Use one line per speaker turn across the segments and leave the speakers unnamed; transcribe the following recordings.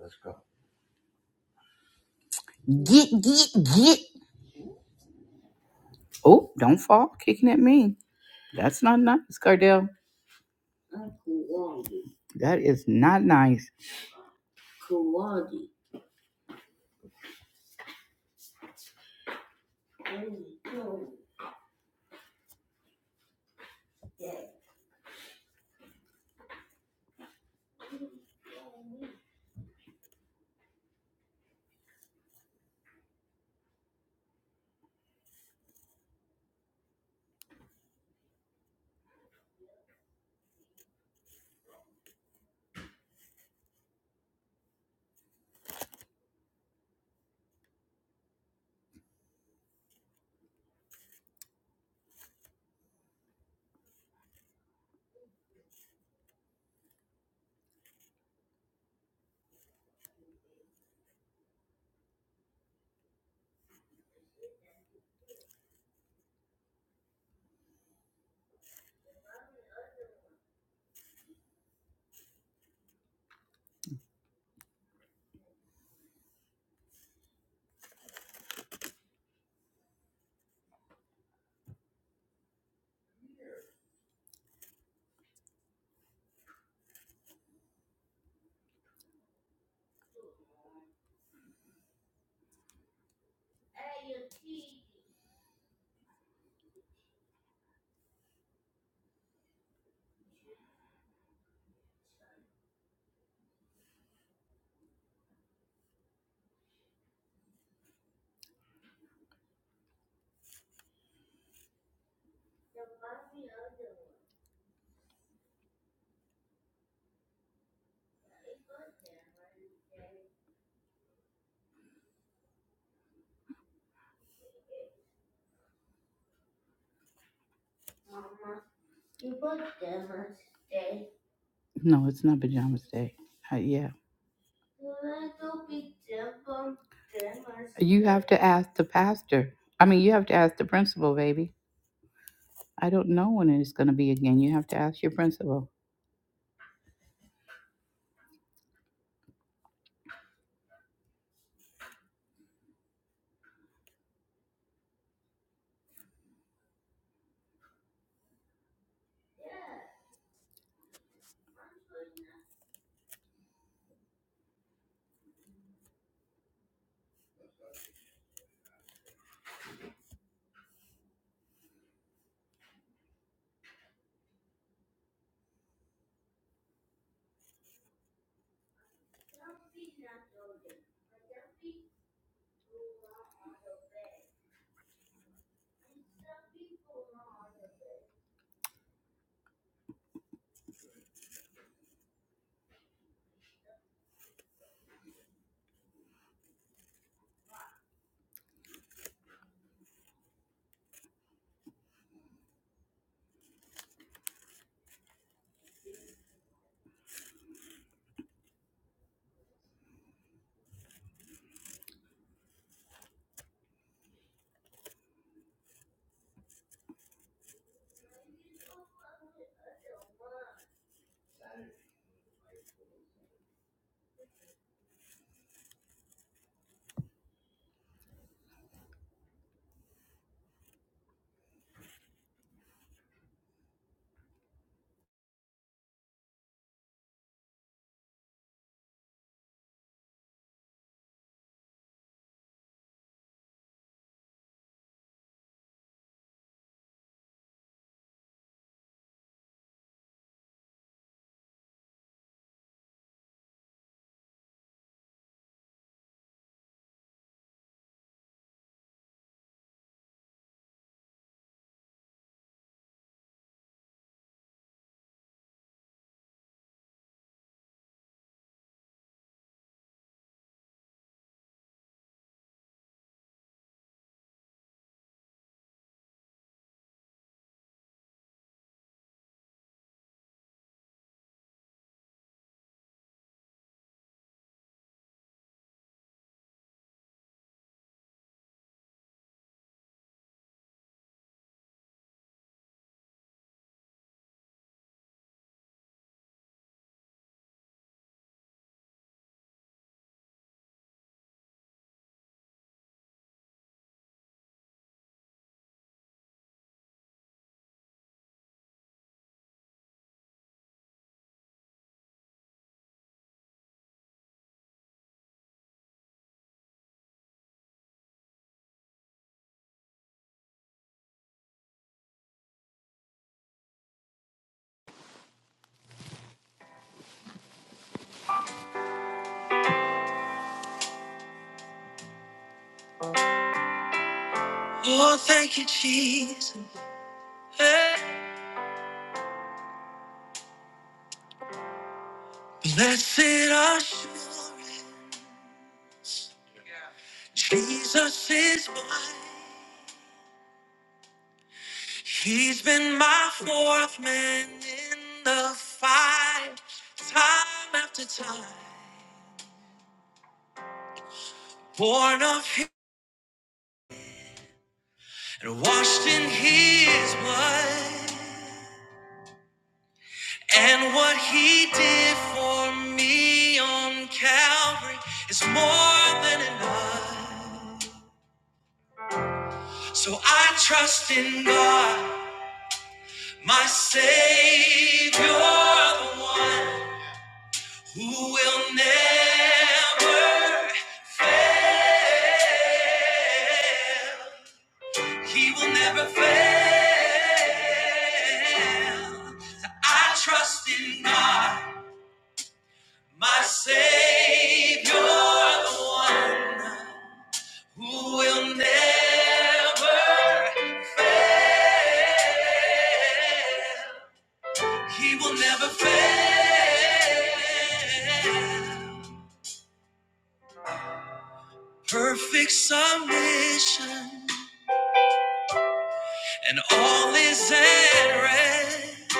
Let's go. Get, get, get. Oh, don't fall kicking at me. That's not nice, Cardell. That is not nice. No, it's not pajamas day. Uh, yeah. You have to ask the pastor. I mean, you have to ask the principal, baby. I don't know when it's going to be again. You have to ask your principal.
Oh, thank you, Jesus. Hey. Blessed assurance, Jesus is mine. He's been my fourth man in the fight, time after time. Born of him and washed in his blood. And what he did for me on Calvary is more than enough. So I trust in God. My Savior, the one who will never fail. He will never fail. I trust in God, my Savior, the one who will never fail. He will never fail. Perfect submission, and all is at rest.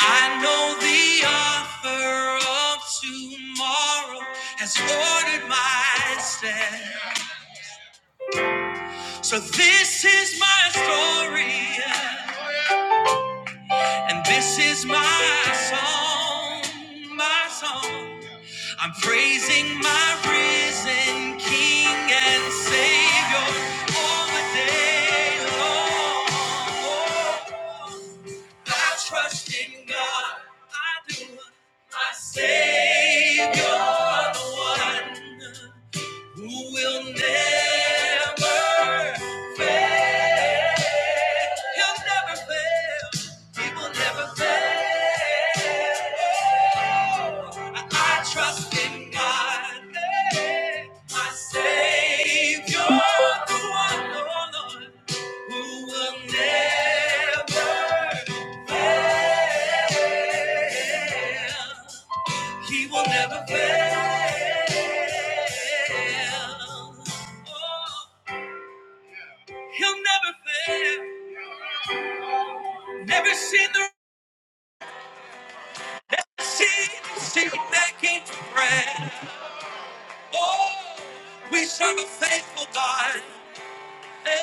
I know the author of tomorrow has ordered my steps. So this is my story, yeah, and this is my song, my song. I'm praising my risen King and Savior all the day long. I trust in God, I do. My Savior, the one who will never fail. He'll never fail. He will never fail. I, I trust in God, eh, my Savior, the one, oh Lord, who will never fail. He will never fail. Oh, he'll never fail. Never seen the seen seen back into prayer. Oh, we serve a faithful God. Hey,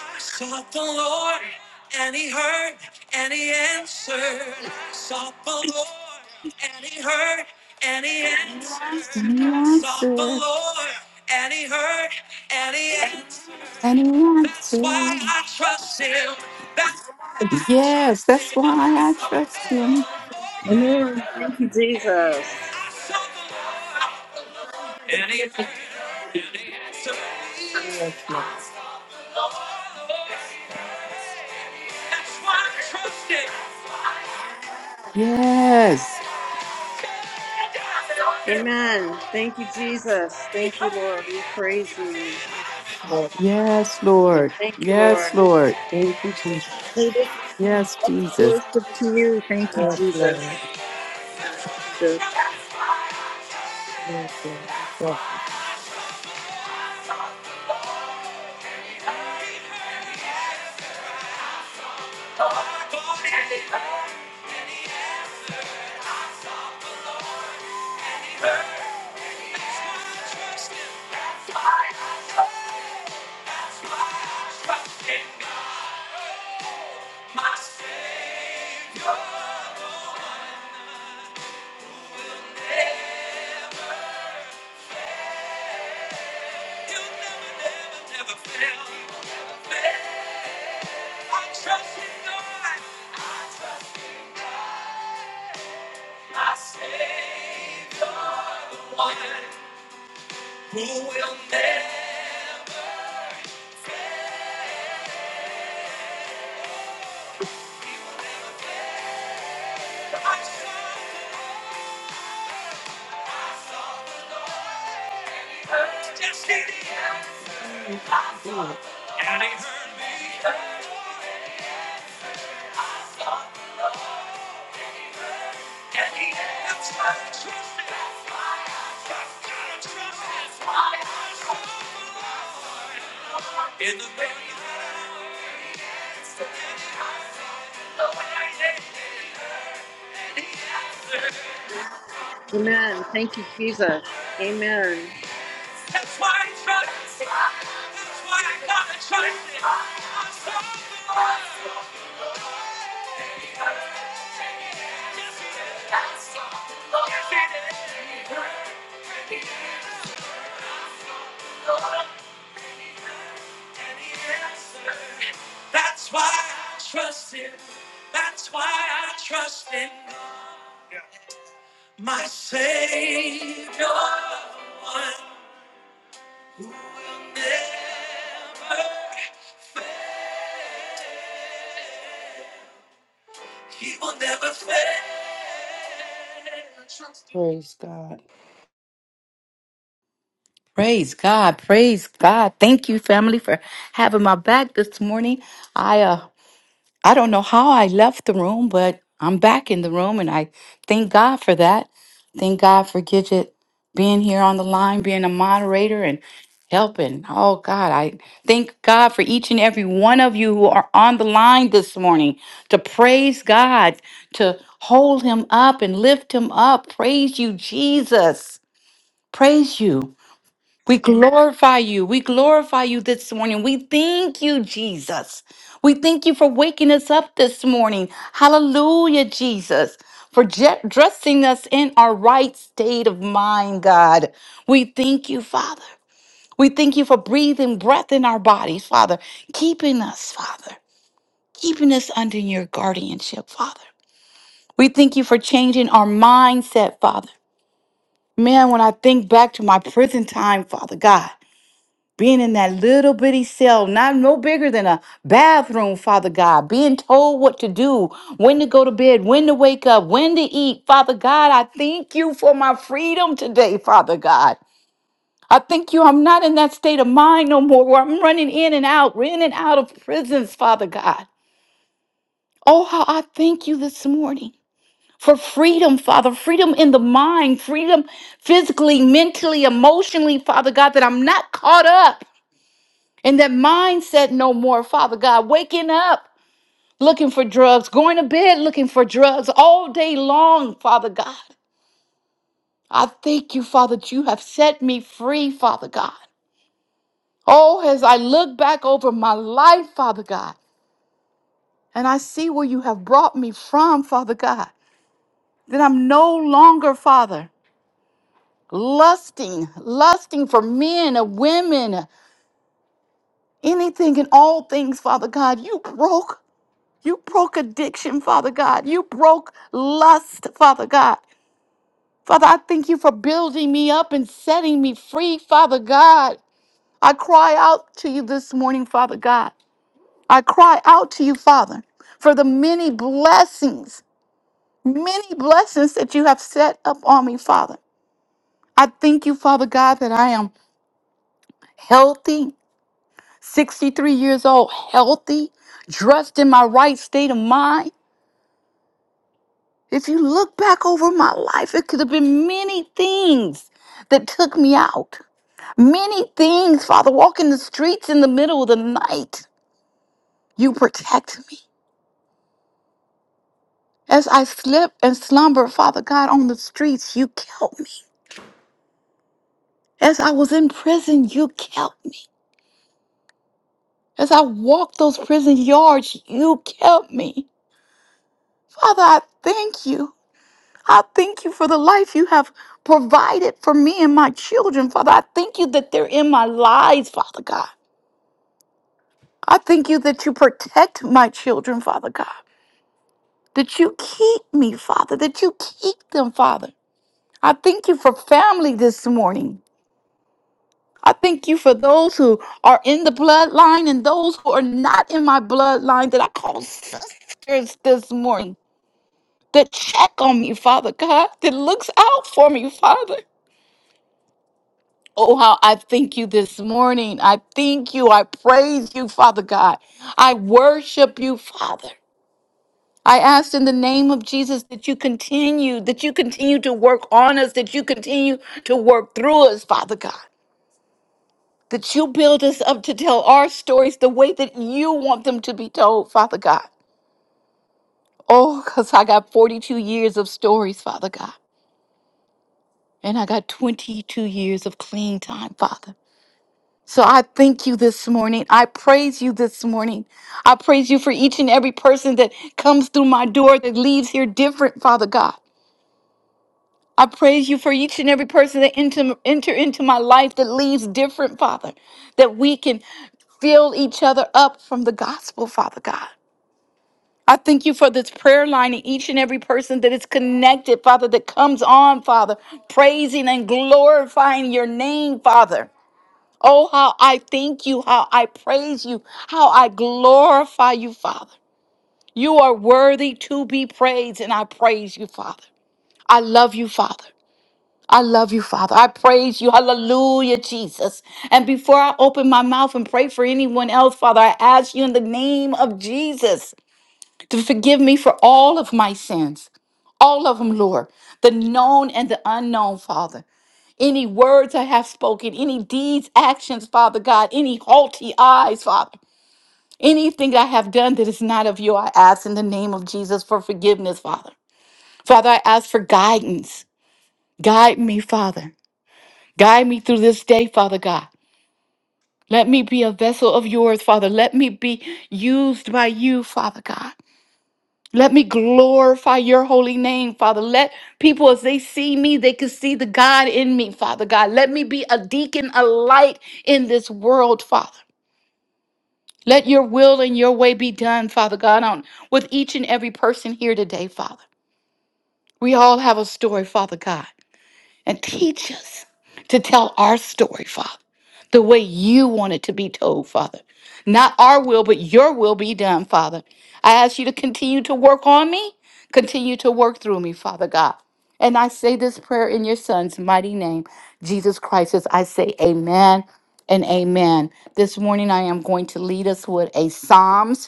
I sought the Lord, and He heard, and He answered. I sought the Lord, and He heard, and He answered. I sought the
Answer
Lord, and He heard, and He answered.
and
That's why
answer.
I trust him. That's why I
Yes,
trust
that's
him.
why I trust him.
Amen. Thank you, Jesus.
I saw the Lord. And he heard, and he answered me. Yes, Lord. That's why I trust him.
Yes.
I
Amen. Thank you, Jesus.
He
Thank you, Lord.
heard.
We praise you.
Lord,
Yes, Lord.
Thank you,
Yes,
Lord.
Lord.
thank you, Jesus.
May this room
Yes,
house of worship to you. Thank you,
Yes, Lord.
Jesus. Jesus.
Yes, Lord. Yes. My Savior never, he'll never, never, never fail. I trust in God. I trust in my Savior, the one who will never. I trust just in the end. And he heard me. And he answered. I trust in I've got to trust. That's why I gotta trust my in the very the way that he answered.
Amen. Thank you, Jesus. Amen.
That's why I trust. That's why I gotta trust him. I'm so glad. That's why I trust him. That's why I trust in my Savior. One never, he will never fail. Trust him. Praise God.
Praise God. Praise God. Thank you, family, for having my back this morning. I uh I don't know how I left the room, but I'm back in the room and I thank God for that. Thank God for Gidget being here on the line, being a moderator and helping. Oh God, I thank God for each and every one of you who are on the line this morning to praise God, to hold him up and lift him up. Praise you, Jesus. Praise you. We glorify you. We glorify you this morning. We thank you, Jesus. We thank you for waking us up this morning. Hallelujah, Jesus. For je- dressing us in our right state of mind, God. We thank you, Father. We thank you for breathing breath in our bodies, Father. Keeping us, Father. Keeping us under your guardianship, Father. We thank you for changing our mindset, Father. Man, when I think back to my prison time, Father God. being in that little bitty cell, not no bigger than a bathroom, Father God, being told what to do, when to go to bed, when to wake up, when to eat. Father God, I thank you for my freedom today, Father God. I thank you. I'm not in that state of mind no more where I'm running in and out, in and out of prisons, Father God. Oh, how I thank you this morning for freedom, Father, freedom in the mind, freedom physically, mentally, emotionally, Father God, that I'm not caught up. And that mindset no more, Father God, waking up looking for drugs, going to bed looking for drugs all day long, Father God. I thank you, Father, that you have set me free, Father God. Oh, as I look back over my life, Father God, and I see where you have brought me from, Father God, that I'm no longer, Father, lusting, lusting for men or women, anything and all things, Father God. You broke You broke addiction, Father God. You broke lust, Father God. Father, I thank you for building me up and setting me free, Father God. I cry out to you this morning, Father God. I cry out to you, Father, for the many blessings, many blessings that you have set up on me, Father. I thank you, Father God, that I am healthy, 63 years old, healthy, dressed in my right state of mind. If you look back over my life, it could have been many things that took me out. Many things, Father, walking the streets in the middle of the night. You protect me. As I slept and slumbered, Father God, on the streets, you kept me. As I was in prison, you kept me. As I walked those prison yards, you kept me. Father, I thank you. I thank you for the life you have provided for me and my children, Father. I thank you that they're in my lives, Father God. I thank you that you protect my children, Father God, that you keep me, Father, that you keep them, Father. I thank you for family this morning. I thank you for those who are in the bloodline and those who are not in my bloodline that I call sisters this morning, that check on me, Father God, that looks out for me, Father. Oh, how I thank you this morning. I thank you. I praise you, Father God. I worship you, Father. I asked in the name of Jesus that you continue, that you continue to work on us, that you continue to work through us, Father God. That you build us up to tell our stories the way that you want them to be told, Father God. Oh, because I got 42 years of stories, Father God, and I got 22 years of clean time, Father. So I thank you this morning. I praise you this morning. I praise you for each and every person that comes through my door that leaves here different, Father God. I praise you for each and every person that enter, enter into my life that leaves different, Father, that we can fill each other up from the gospel, Father God. I thank you for this prayer line and each and every person that is connected, Father, that comes on, Father, praising and glorifying your name, Father. Oh, how I thank you, how I praise you, how I glorify you, Father. You are worthy to be praised, and I praise you, Father. I love you, Father. I love you, Father. I praise you. Hallelujah, Jesus. And before I open my mouth and pray for anyone else, Father, I ask you in the name of Jesus to forgive me for all of my sins. All of them, Lord, the known and the unknown, Father. Any words I have spoken, any deeds, actions, Father God, any haughty eyes, Father, anything I have done that is not of you, I ask in the name of Jesus for forgiveness, Father. Father, I ask for guidance. Guide me, Father. Guide me through this day, Father God. Let me be a vessel of yours, Father. Let me be used by you, Father God. Let me glorify your holy name, Father. Let people, as they see me, they can see the God in me, Father God. Let me be a deacon, a light in this world, Father. Let your will and your way be done, Father God, on with each and every person here today, Father. We all have a story, Father God. and teach us to tell our story, Father, the way you want it to be told, Father. Not our will, but your will be done, Father. I ask you to continue to work on me, continue to work through me, Father God. And I say this prayer in your Son's mighty name, Jesus Christ. As I say, Amen and Amen. This morning, I am going to lead us with a Psalms.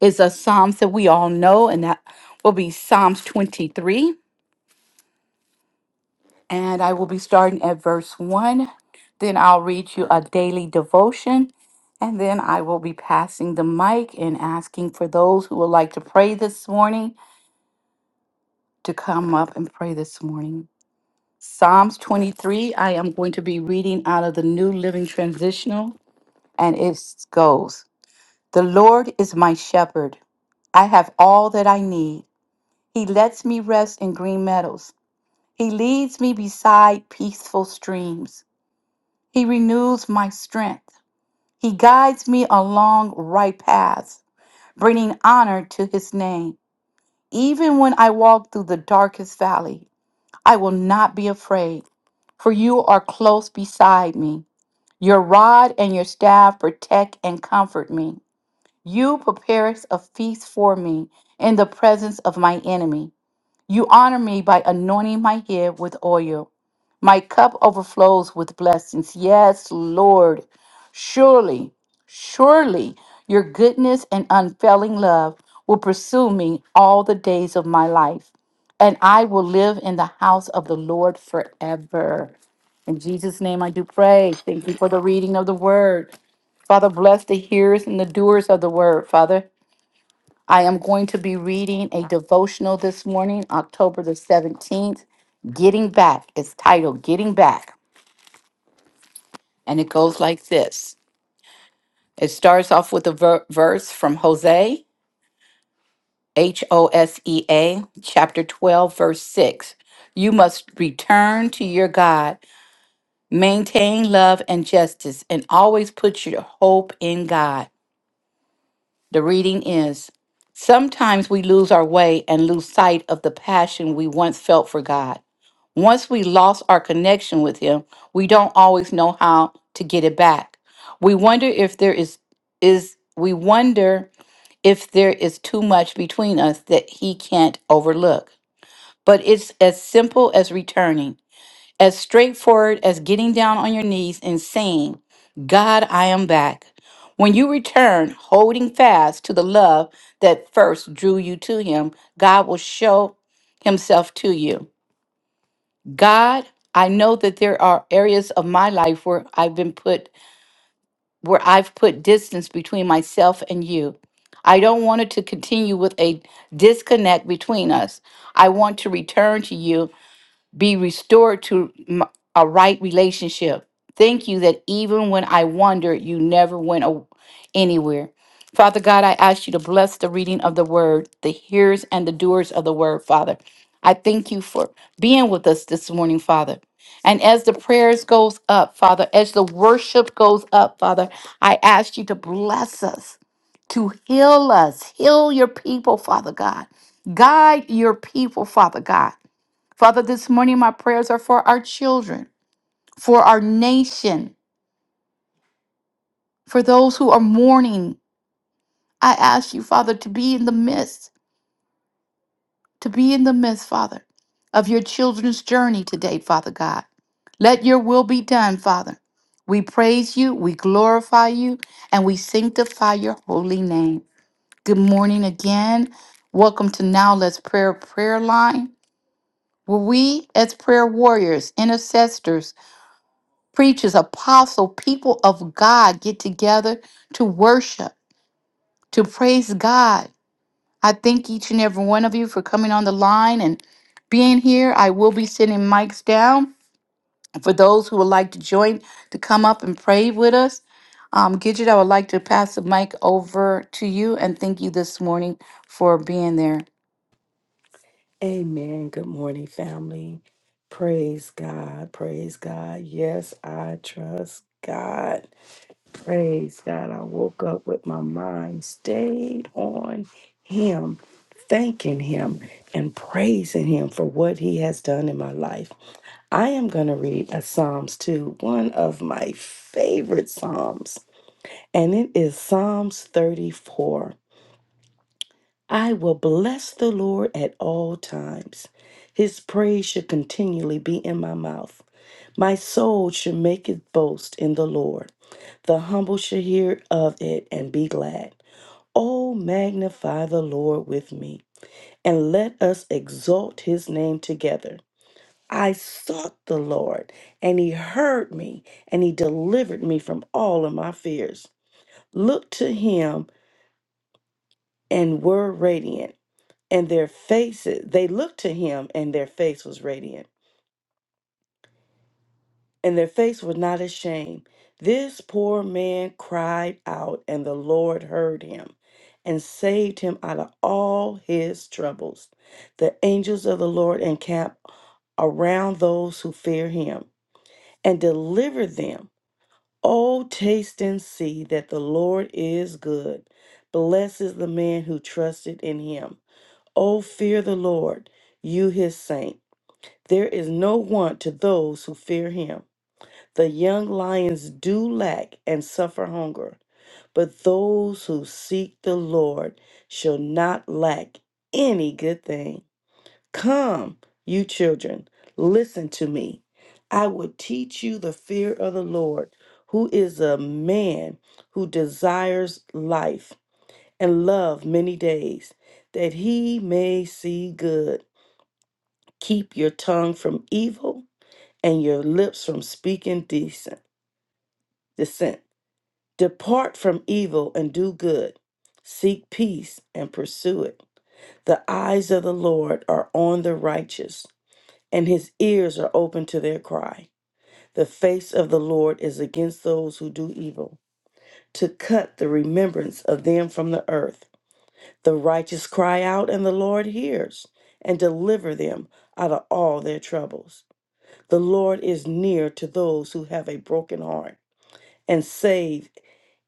It's a Psalms that we all know, and that will be Psalms 23. And I will be starting at verse 1. Then I'll read you a daily devotion. And then I will be passing the mic and asking for those who would like to pray this morning to come up and pray this morning. Psalms 23, I am going to be reading out of the New Living Transitional, and it goes The Lord is my shepherd. I have all that I need. He lets me rest in green meadows, He leads me beside peaceful streams. He renews my strength. He guides me along right paths, bringing honor to his name. Even when I walk through the darkest valley, I will not be afraid, for you are close beside me. Your rod and your staff protect and comfort me. You prepare a feast for me in the presence of my enemy. You honor me by anointing my head with oil. My cup overflows with blessings. Yes, Lord. Surely, surely your goodness and unfailing love will pursue me all the days of my life, and I will live in the house of the Lord forever. In Jesus' name I do pray. Thank you for the reading of the word. Father, bless the hearers and the doers of the word, Father. I am going to be reading a devotional this morning, October the 17th. Getting Back. It's titled Getting Back. And it goes like this it starts off with a ver- verse from Hosea, H O S E A, chapter 12, verse 6. You must return to your God, maintain love and justice, and always put your hope in God. The reading is Sometimes we lose our way and lose sight of the passion we once felt for God. Once we lost our connection with Him, we don't always know how to get it back. We wonder if there is is we wonder if there is too much between us that he can't overlook. But it's as simple as returning as straightforward as getting down on your knees and saying, God, I am back. When you return, holding fast to the love that first drew you to Him, God will show Himself to you. God, I know that there are areas of my life where I've been put, where I've put distance between myself and you. I don't want it to continue with a disconnect between us. I want to return to you be restored to m- a right relationship. Thank you that even when I wandered, you never went a- anywhere. Father God, I ask you to bless the reading of the word, the hearers and the doers of the word, Father. I thank you for being with us this morning, Father. And as the prayers goes up, Father, as the worship goes up, Father, I ask you to bless us, to heal us, heal your people, Father God. Guide your people, Father God. Father, this morning my prayers are for our children, for our nation, for those who are mourning. I ask you, Father, to be in the midst, to be in the midst, Father, of your children's journey today, Father God. Let your will be done, Father. We praise you, we glorify you, and we sanctify your holy name. Good morning again. Welcome to Now Let's Prayer Prayer Line, where we, as prayer warriors, intercessors, preachers, apostles, people of God get together to worship, to praise God. I thank each and every one of you for coming on the line and being here. I will be sending mics down for those who would like to join to come up and pray with us. Um, Gidget, I would like to pass the mic over to you and thank you this morning for being there.
Amen. Good morning, family. Praise God. Praise God. Yes, I trust God. Praise God. I woke up with my mind stayed on Him, thanking Him and praising Him for what He has done in my life. I am going to read a Psalms 2, one of my favorite Psalms, and it is Psalms 34. I will bless the Lord at all times. His praise should continually be in my mouth. My soul should make its boast in the Lord. The humble shall hear of it and be glad. Oh, magnify the Lord with me, and let us exalt his name together. I sought the Lord, and he heard me, and he delivered me from all of my fears. Look to him and were radiant and their faces they looked to him and their face was radiant and their face was not ashamed this poor man cried out and the lord heard him and saved him out of all his troubles the angels of the lord encamp around those who fear him and deliver them oh taste and see that the lord is good blessed is the man who trusted in him oh fear the lord you his saints There is no want to those who fear him. The young lions do lack and suffer hunger, but those who seek the Lord shall not lack any good thing. Come, you children, listen to me. I will teach you the fear of the Lord, who is a man who desires life and love many days, that he may see good. Keep your tongue from evil and your lips from speaking decent dissent. Depart from evil and do good. Seek peace and pursue it. The eyes of the Lord are on the righteous, and his ears are open to their cry. The face of the Lord is against those who do evil, to cut the remembrance of them from the earth. The righteous cry out, and the Lord hears and deliver them out of all their troubles. The Lord is near to those who have a broken heart and save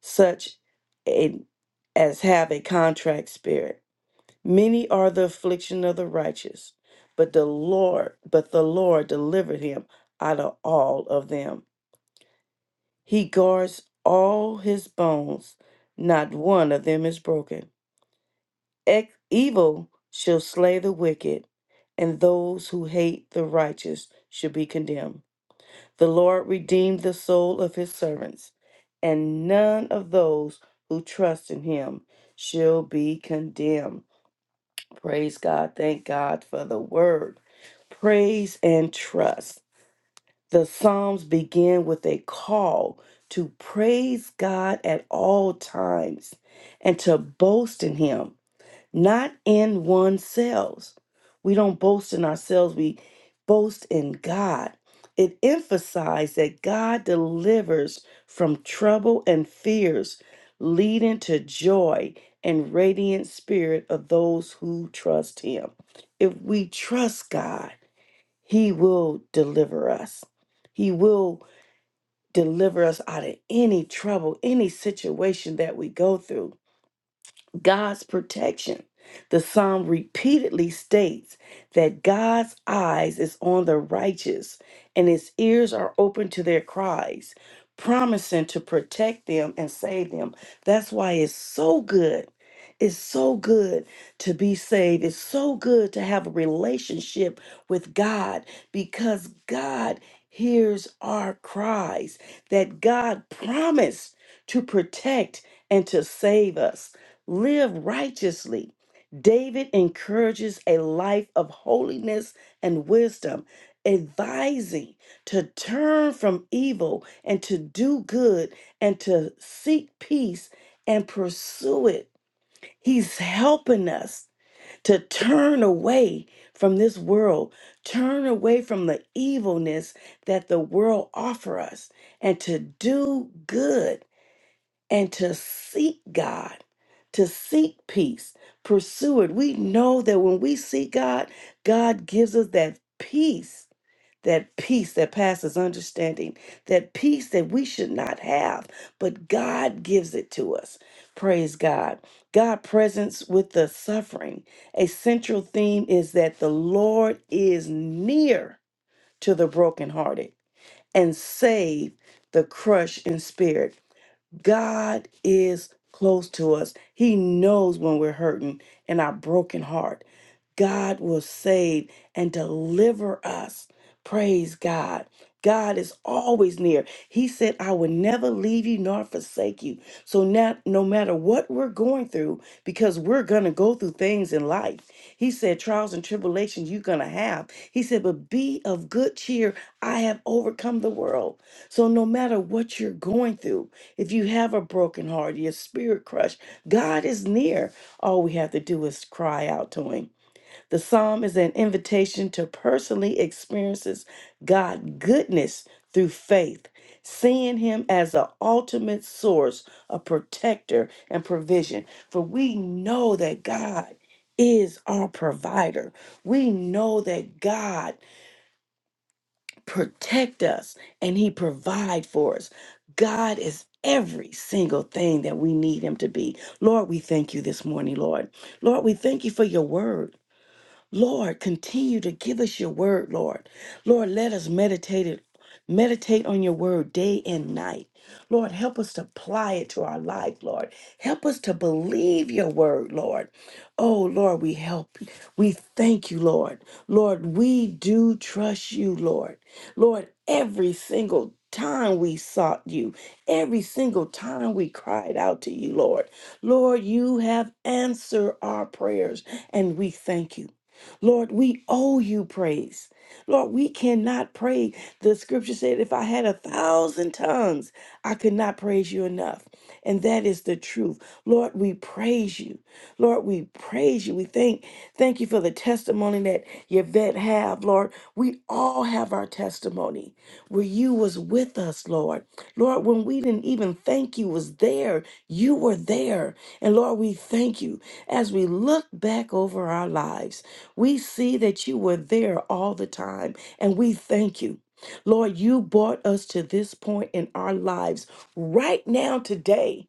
such a, as have a contract spirit. Many are the affliction of the righteous, but the Lord, but the Lord delivered him out of all of them. He guards all his bones; not one of them is broken. Ec- evil shall slay the wicked, and those who hate the righteous shall be condemned. The Lord redeemed the soul of his servants, and none of those who trust in him shall be condemned. Praise God. Thank God for the word. Praise and trust. The Psalms begin with a call to praise God at all times and to boast in him not in oneself. We don't boast in ourselves, we boast in God. It emphasized that God delivers from trouble and fears, leading to joy and radiant spirit of those who trust Him. If we trust God, He will deliver us. He will deliver us out of any trouble, any situation that we go through. God's protection. The psalm repeatedly states that God's eyes is on the righteous and his ears are open to their cries, promising to protect them and save them. That's why it's so good. It's so good to be saved. It's so good to have a relationship with God because God hears our cries that God promised to protect and to save us live righteously. David encourages a life of holiness and wisdom, advising to turn from evil and to do good and to seek peace and pursue it. He's helping us to turn away from this world, turn away from the evilness that the world offer us and to do good and to seek God, to seek peace, pursue it. We know that when we seek God, God gives us that peace, that peace that passes understanding, that peace that we should not have, but God gives it to us. Praise God. God presence with the suffering. A central theme is that the Lord is near to the brokenhearted and save the crushed in spirit. God is close to us. He knows when we're hurting and our broken heart. God will save and deliver us. Praise God. God is always near. He said, I will never leave you nor forsake you. So now, no matter what we're going through, because we're going to go through things in life, He said, trials and tribulations you're going to have. He said, but be of good cheer. I have overcome the world. So no matter what you're going through, if you have a broken heart, your spirit crushed, God is near. All we have to do is cry out to Him. The psalm is an invitation to personally experiences God goodness through faith, seeing him as the ultimate source, a protector and provision. For we know that God is our provider. We know that God protect us and he provide for us. God is every single thing that we need him to be. Lord, we thank you this morning, Lord. Lord, we thank you for your word. Lord, continue to give us your word, Lord. Lord, let us meditate it. Meditate on your word day and night. Lord, help us to apply it to our life, Lord. Help us to believe your word, Lord. Oh, Lord, we help. We thank you, Lord. Lord, we do trust you, Lord. Lord, every single time we sought you, every single time we cried out to you, Lord. Lord, you have answered our prayers, and we thank you. Lord, we owe you praise. Lord, we cannot pray. The scripture said, if I had a thousand tongues, I could not praise you enough. And that is the truth. Lord, we praise you. Lord, we praise you. We thank thank you for the testimony that Yvette have, Lord. We all have our testimony where you was with us, Lord. Lord, when we didn't even think you was there, you were there. And Lord, we thank you as we look back over our lives. We see that you were there all the time, and we thank you. Lord, you brought us to this point in our lives right now today.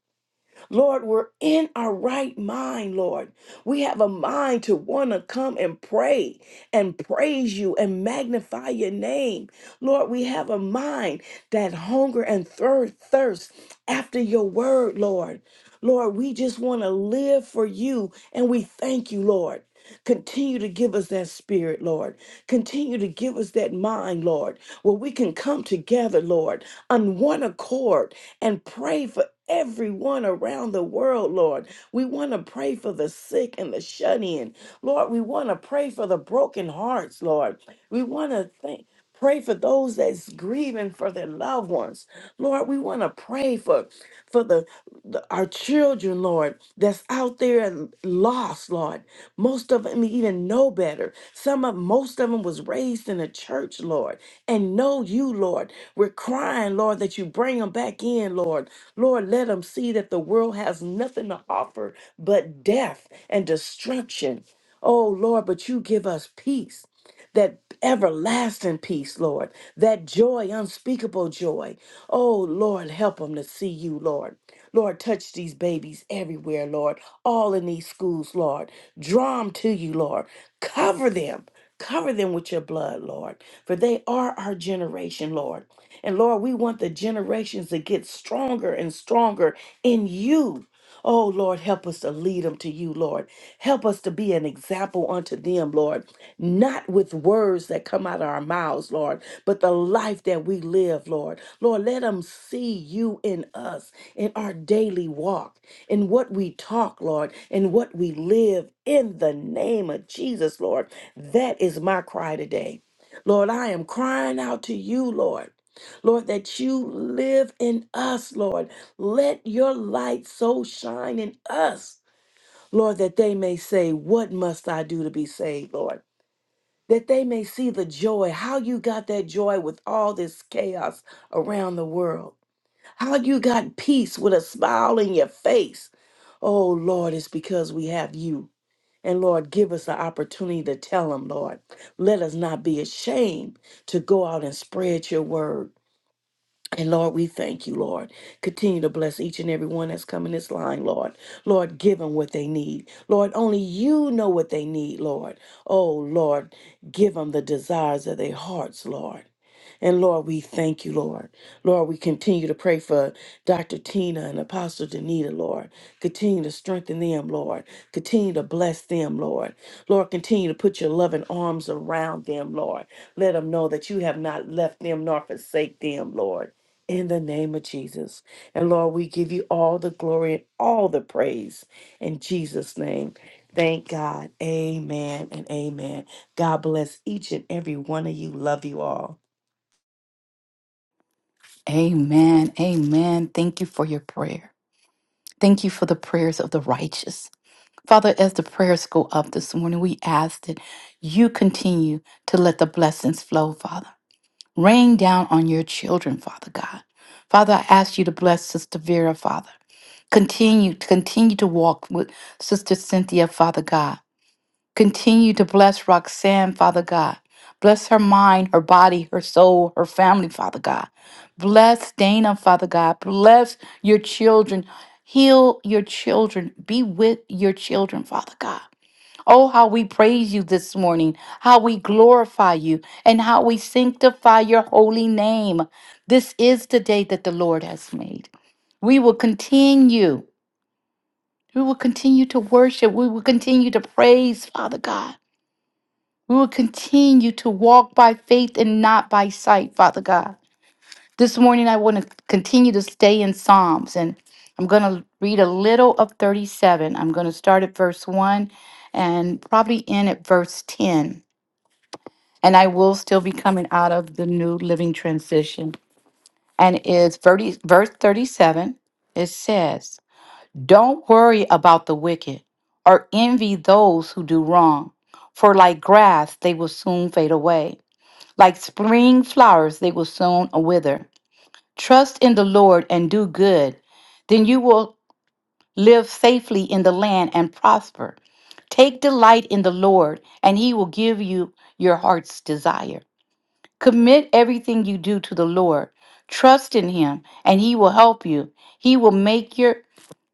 Lord, we're in our right mind, Lord. We have a mind to want to come and pray and praise you and magnify your name. Lord, we have a mind that hunger and thir- thirst after your word, Lord. Lord, we just want to live for you and we thank you, Lord. Continue to give us that spirit, Lord. Continue to give us that mind, Lord, where we can come together, Lord, on one accord and pray for everyone around the world, Lord. We want to pray for the sick and the shut in. Lord, we want to pray for the broken hearts, Lord. We want to thank. Pray for those that's grieving for their loved ones. Lord, we want to pray for, for the, the our children, Lord, that's out there and lost, Lord. Most of them even know better. Some of most of them was raised in a church, Lord, and know you, Lord. We're crying, Lord, that you bring them back in, Lord. Lord, let them see that the world has nothing to offer but death and destruction. Oh Lord, but you give us peace that everlasting peace, Lord, that joy, unspeakable joy. Oh, Lord, help them to see you, Lord. Lord, touch these babies everywhere, Lord, all in these schools, Lord. Draw them to you, Lord. Cover them. Cover them with your blood, Lord, for they are our generation, Lord. And Lord, we want the generations to get stronger and stronger in you. Oh, Lord, help us to lead them to you, Lord. Help us to be an example unto them, Lord, not with words that come out of our mouths, Lord, but the life that we live, Lord. Lord, let them see you in us, in our daily walk, in what we talk, Lord, in what we live, in the name of Jesus, Lord. That is my cry today. Lord, I am crying out to you, Lord. Lord, that you live in us, Lord. Let your light so shine in us, Lord, that they may say, What must I do to be saved, Lord? That they may see the joy, how you got that joy with all this chaos around the world, how you got peace with a smile in your face. Oh, Lord, it's because we have you. And Lord, give us the opportunity to tell them, Lord. Let us not be ashamed to go out and spread your word. And Lord, we thank you, Lord. Continue to bless each and every one that's coming this line, Lord. Lord, give them what they need. Lord, only you know what they need, Lord. Oh, Lord, give them the desires of their hearts, Lord. And Lord, we thank you, Lord. Lord, we continue to pray for Dr. Tina and Apostle Danita, Lord. Continue to strengthen them, Lord. Continue to bless them, Lord. Lord, continue to put your loving arms around them, Lord. Let them know that you have not left them nor forsake them, Lord in the name of Jesus. And Lord, we give you all the glory and all the praise in Jesus' name. Thank God. Amen and amen. God bless each and every one of you. Love you all.
Amen. Amen. Thank you for your prayer. Thank you for the prayers of the righteous. Father, as the prayers go up this morning, we ask that you continue to let the blessings flow, Father. Rain down on your children, Father God. Father, I ask you to bless Sister Vera, Father. Continue, continue to walk with Sister Cynthia, Father God. Continue to bless Roxanne, Father God. Bless her mind, her body, her soul, her family, Father God. Bless Dana, Father God. Bless your children. Heal your children. Be with your children, Father God. Oh, how we praise you this morning, how we glorify you, and how we sanctify your holy name. This is the day that the Lord has made. We will continue. We will continue to worship. We will continue to praise, Father God. We will continue to walk by faith and not by sight, Father God. This morning, I want to continue to stay in Psalms, and I'm going to read a little of 37. I'm going to start at verse 1 and probably end at verse 10. and I will still be coming out of the new living transition. And it's 30, verse 37. It says, Don't worry about the wicked or envy those who do wrong, for like grass, they will soon fade away. Like spring flowers, they will soon wither. Trust in the Lord and do good. Then you will live safely in the land and prosper. Take delight in the Lord, and he will give you your heart's desire. Commit everything you do to the Lord. Trust in Him, and He will help you. He will make your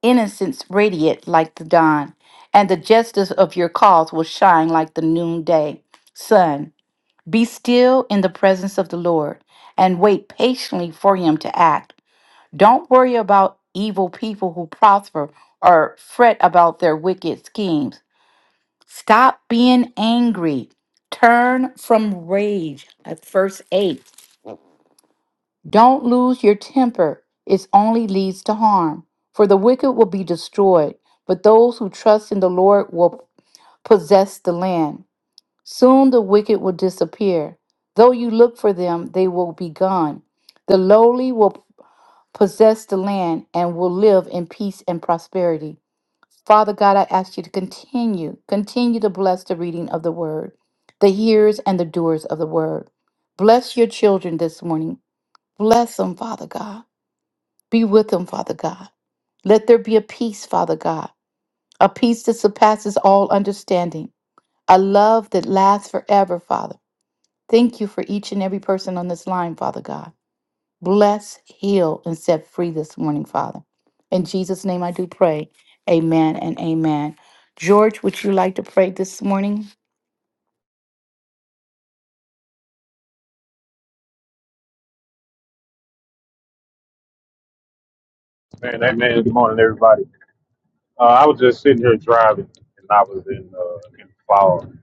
innocence radiant like the dawn, and the justice of your cause will shine like the noonday sun. Be still in the presence of the Lord and wait patiently for Him to act. Don't worry about evil people who prosper or fret about their wicked schemes. Stop being angry. Turn from rage. At verse 8 don't lose your temper, it only leads to harm. For the wicked will be destroyed, but those who trust in the Lord will possess the land. Soon the wicked will disappear. Though you look for them, they will be gone. The lowly will possess the land and will live in peace and prosperity. Father God, I ask you to continue, continue to bless the reading of the word, the hearers and the doers of the word. Bless your children this morning. Bless them, Father God. Be with them, Father God. Let there be a peace, Father God, a peace that surpasses all understanding, a love that lasts forever, Father. Thank you for each and every person on this line, Father God. Bless, heal, and set free this morning, Father. In Jesus' name I do pray. Amen and amen. George, would you like to pray this morning?
Man, that man, good morning, everybody. Uh, I was just sitting here driving, and I was in uh, in fog,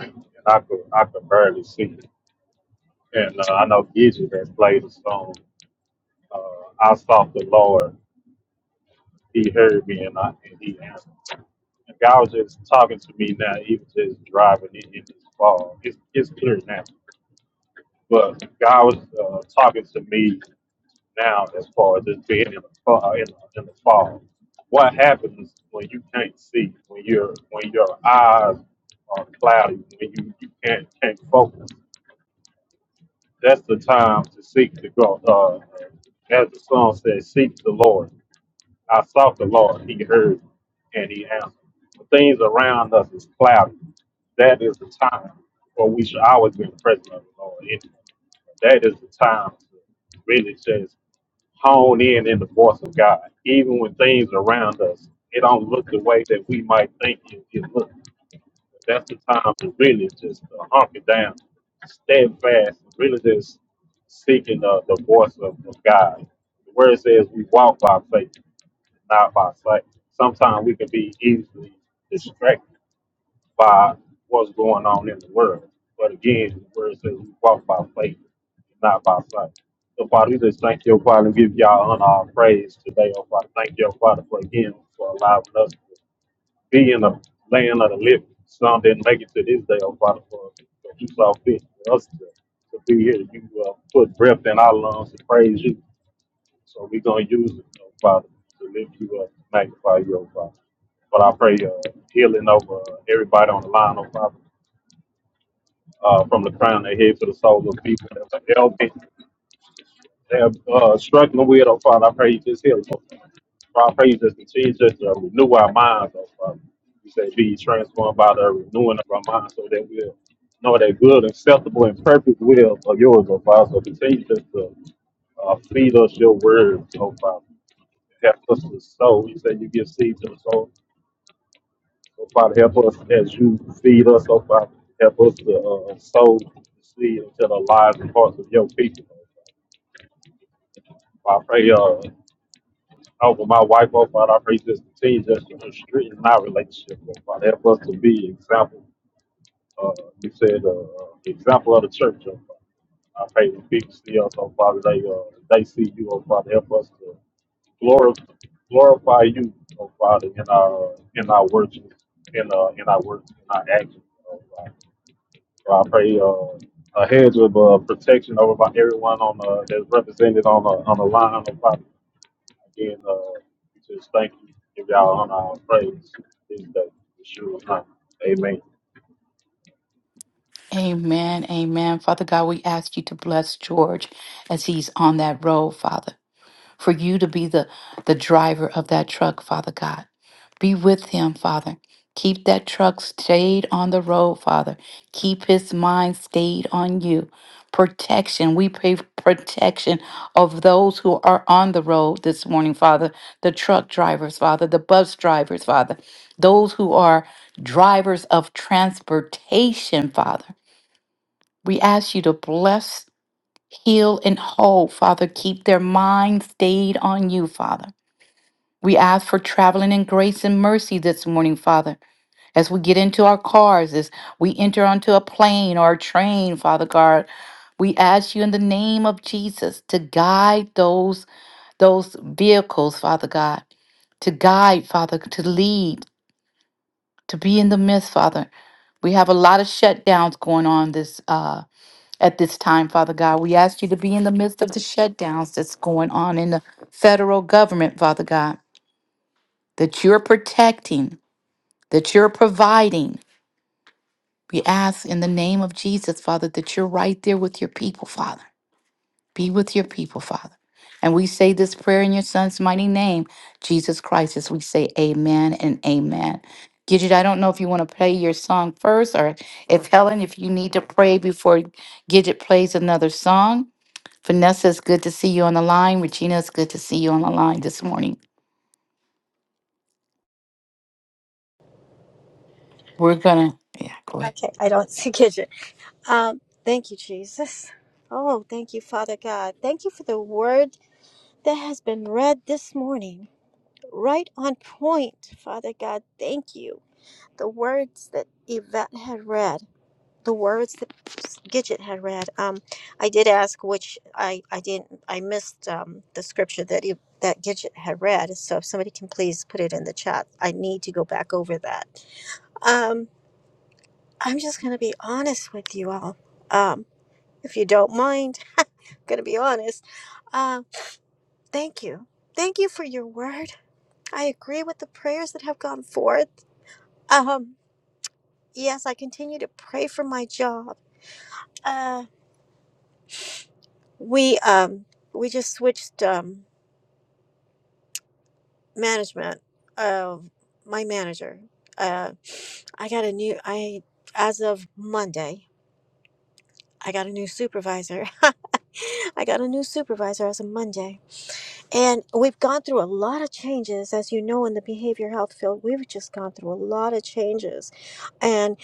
and I could I could barely see. And uh, I know Gidget that played the song. Uh, I sought the Lord, He heard me, and I and He answered. And God was just talking to me now, even just driving in, in this fog. It's it's clear now, but God was uh, talking to me now as far as it being in the fall, in the, in the fall. What happens when you can't see, when you're when your eyes are cloudy, when you, you can't can't focus? That's the time to seek the God. Uh, as the song says, seek the Lord. I sought the Lord; He heard and He answered. The things around us is cloudy. That is the time, where we should always be in the presence of the Lord. It- That is the time to really just hone in in the voice of God, even when things around us it don't look the way that we might think it, it looks. That's the time to really just uh, hump down, steadfast, really just seeking the, the voice of, of God. The word says we walk by faith, not by sight. Sometimes we can be easily distracted by what's going on in the world. But again, the word says we walk by faith, not by sight. So Father, we just thank you, Father, and give y'all honor our praise today, oh Father. Thank you, Father, for again for allowing us to be in the land of the living. Some didn't make it to this day, oh Father, for for you saw fit for us to, to be here. You uh, put breath in our lungs to praise you. So we're going to use it, oh Father, to lift you up, magnify you, oh Father. But I pray uh, healing over everybody on the line, oh Father, uh, from the crown of their head to the soles of people that's healthy, they're uh, struggling with, oh Father. I pray you just heal them. oh Father. Father, I pray you just continue to uh, renew our minds, oh Father. You say be transformed by the renewing of our minds so that we'll know that good, acceptable, and perfect will of yours, oh Father. So continue just to uh, feed us your word, oh Father. help us to sow. You said you give seed to the soul. So Father, help us as you feed us, so Father, help us to uh, sow the seed into the lives and hearts of your people. So, I pray uh, over my wife, oh Father, I pray this continue just to strengthen our relationship. Oh Father, help us to be example. Uh, you said uh, example of the church. Oh Father. I pray the people see us, oh Father, they, uh, they see you, oh Father, help us to Glor- glorify you, oh Father, in our in our worship, in uh in our work, in our actions. Oh Father. So I pray uh, a hedge of uh, protection over my, everyone on uh, that's represented on the on the line. Oh Father, again, uh, we just thank you, give y'all on our praise this day. Yeshua's name. Amen.
Amen, amen. Father God, we ask you to bless George as he's on that road, Father. for you to be the, the driver of that truck, Father God. Be with him, Father. Keep that truck stayed on the road, Father. Keep his mind stayed on you. Protection. We pray for protection of those who are on the road this morning, Father. The truck drivers, Father. The bus drivers, Father. Those who are drivers of transportation, Father. We ask you to bless heal and whole, Father. Keep their mind stayed on you, Father. We ask for traveling in grace and mercy this morning, Father. As we get into our cars, as we enter onto a plane or a train, Father God, we ask you in the name of Jesus to guide those those vehicles, Father God, to guide, Father, to lead, to be in the midst, Father. We have a lot of shutdowns going on this. uh, at this time, Father God, we ask you to be in the midst of the shutdowns that's going on in the federal government, Father God, that you're protecting, that you're providing. We ask in the name of Jesus, Father, that you're right there with your people, Father. Be with your people, Father. And we say this prayer in your son's mighty name, Jesus Christ, as we say amen and amen. Gidget, I don't know if you want to play your song first or if Helen, if you need to pray before Gidget plays another song. Vanessa, it's good to see you on the line. Regina, it's good to see you on the line this morning. We're gonna, yeah, go ahead.
Okay, I don't see kitchen. Um, thank you, Jesus. Oh, thank you, Father God. Thank you for the word that has been read this morning. Right on point, Father God. Thank you. The words that Yvette had read, the words that Gidget had read. Um, I did ask which I I didn't I missed um, the scripture that Yv- that Gidget had read. So if somebody can please put it in the chat, I need to go back over that. Um, I'm just gonna be honest with you all. Um, if you don't mind. I'm gonna be honest. Uh, thank you, thank you for your word. I agree with the prayers that have gone forth. Um, yes, I continue to pray for my job. Uh, we um we just switched um management. Uh, my manager. Uh, I got a new. I as of Monday, I got a new supervisor. I got a new supervisor as of Monday And we've gone through a lot of changes, as you know, in the behavior health field. We've just gone through a lot of changes, and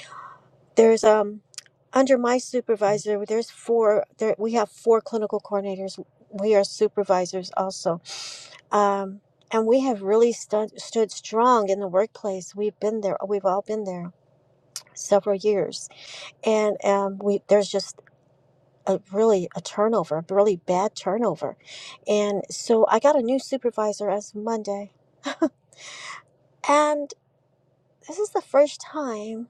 there's um under my supervisor, there's four. There we have four clinical coordinators. We are supervisors also, um, and we have really stud, stood strong in the workplace. We've been there. We've all been there several years, and um, we there's just a really a turnover, a really bad turnover, and so I got a new supervisor as of Monday And this is the first time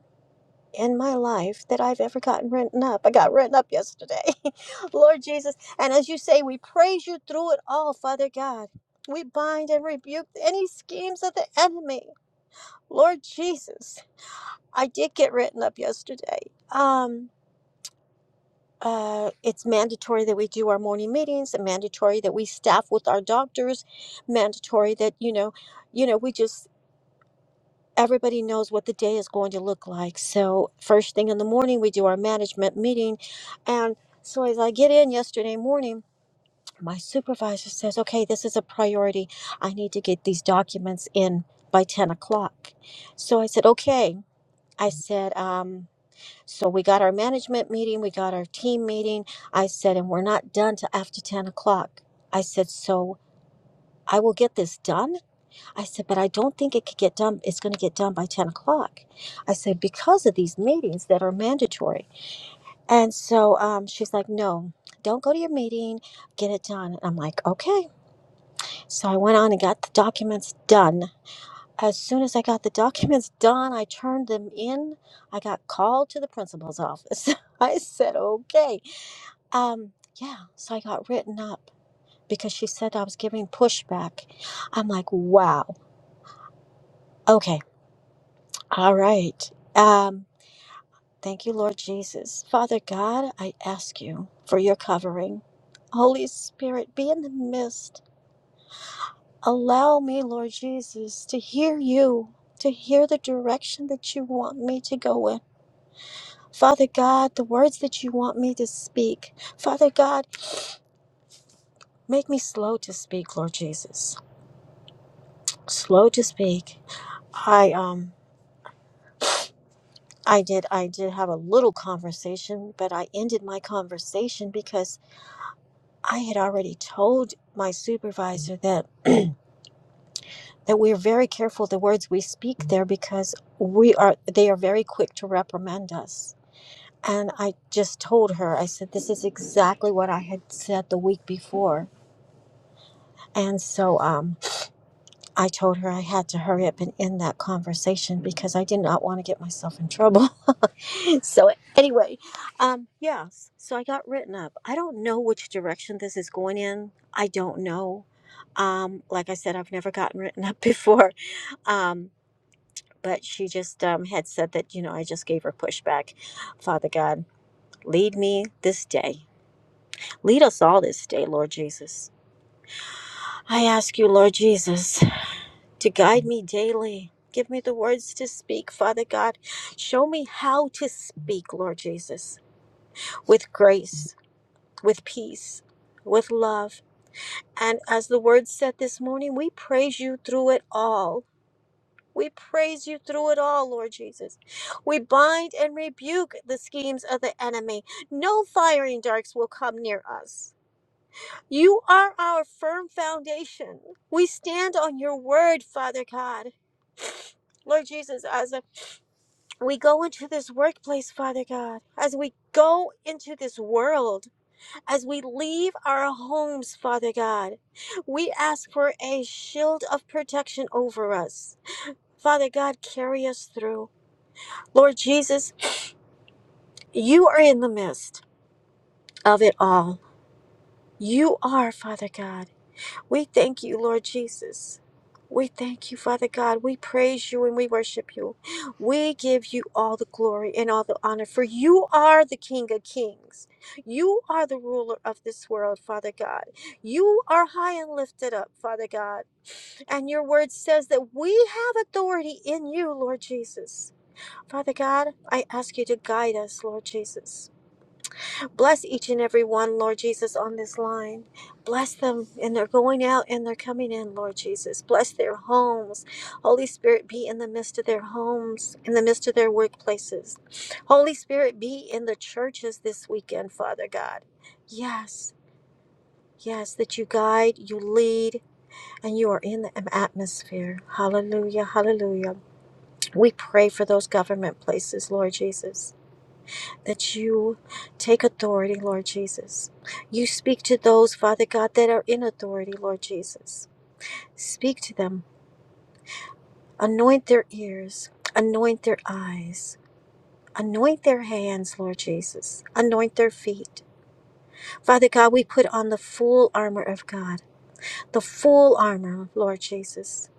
in my life that I've ever gotten written up. I got written up yesterday. Lord Jesus. And as you say, we praise you through it all, Father God. We bind and rebuke any schemes of the enemy. Lord Jesus, I did get written up yesterday. Um, uh, it's mandatory that we do our morning meetings, and mandatory that we staff with our doctors, mandatory that, you know, you know, we just everybody knows what the day is going to look like. So, first thing in the morning, we do our management meeting. And so, as I get in yesterday morning, my supervisor says, Okay, this is a priority. I need to get these documents in by 10 o'clock. So, I said, Okay. I said, um, so we got our management meeting, we got our team meeting. I said, and we're not done till after 10 o'clock. I said, so I will get this done I said, but I don't think it could get done. It's going to get done by 10 o'clock. I said, because of these meetings that are mandatory. And so um, she's like, no, don't go to your meeting, get it done. And I'm like, okay. So I went on and got the documents done. As soon as I got the documents done, I turned them in. I got called to the principal's office. I said, okay. Um, yeah. So I got written up because she said I was giving pushback. I'm like, wow. Okay. All right. Um, thank you, Lord Jesus. Father God, I ask you for your covering. Holy Spirit, be in the midst. Allow me, Lord Jesus, to hear you, to hear the direction that you want me to go in. Father God, the words that you want me to speak. Father God, make me slow to speak, Lord Jesus. Slow to speak. I um I did I did have a little conversation, but I ended my conversation because. I had already told my supervisor that that we're very careful the words we speak there because we are they are very quick to reprimand us. And I just told her, I said, this is exactly what I had said the week before. And so um, I told her I had to hurry up and end that conversation because I did not want to get myself in trouble. so anyway, um, yeah. So I got written up. I don't know which direction this is going in. I don't know. Um, like I said, I've never gotten written up before. Um, but she just um, had said that you know I just gave her pushback. Father God, lead me this day. Lead us all this day, Lord Jesus. I ask you, Lord Jesus, to guide me daily. Give me the words to speak, Father God. Show me how to speak, Lord Jesus, with grace with peace, with love. And as the word said this morning, we praise you through it all. We praise you through it all, Lord Jesus. We bind and rebuke the schemes of the enemy. No firing darts will come near us. You are our firm foundation. We stand on your word, Father God. Lord Jesus, as we go into this workplace, Father God, as we go into this world, As we leave our homes, Father God, we ask for a shield of protection over us. Father God, carry us through. Lord Jesus, you are in the midst of it all. You are, Father God. We thank you, Lord Jesus. We thank you, Father God. We praise you and we worship you. We give you all the glory and all the honor, for you are the King of Kings. You are the ruler of this world, Father God. You are high and lifted up, Father God. And your word says that we have authority in you, Lord Jesus. Father God, I ask you to guide us, Lord Jesus. Bless each and every one, Lord Jesus, on this line. Bless them and they're going out and they're coming in, Lord Jesus. Bless their homes. Holy Spirit, be in the midst of their homes, in the midst of their workplaces. Holy Spirit, be in the churches this weekend, Father God. Yes, yes, that you guide, you lead, and you are in the atmosphere. Hallelujah, hallelujah. We pray for those government places, Lord Jesus that you take authority, Lord Jesus. You speak to those, Father God, that are in authority, Lord Jesus. Speak to them. Anoint their ears. Anoint their eyes. Anoint their hands, Lord Jesus. Anoint their feet. Father God, we put on the full armor of God, the full armor, Lord Jesus,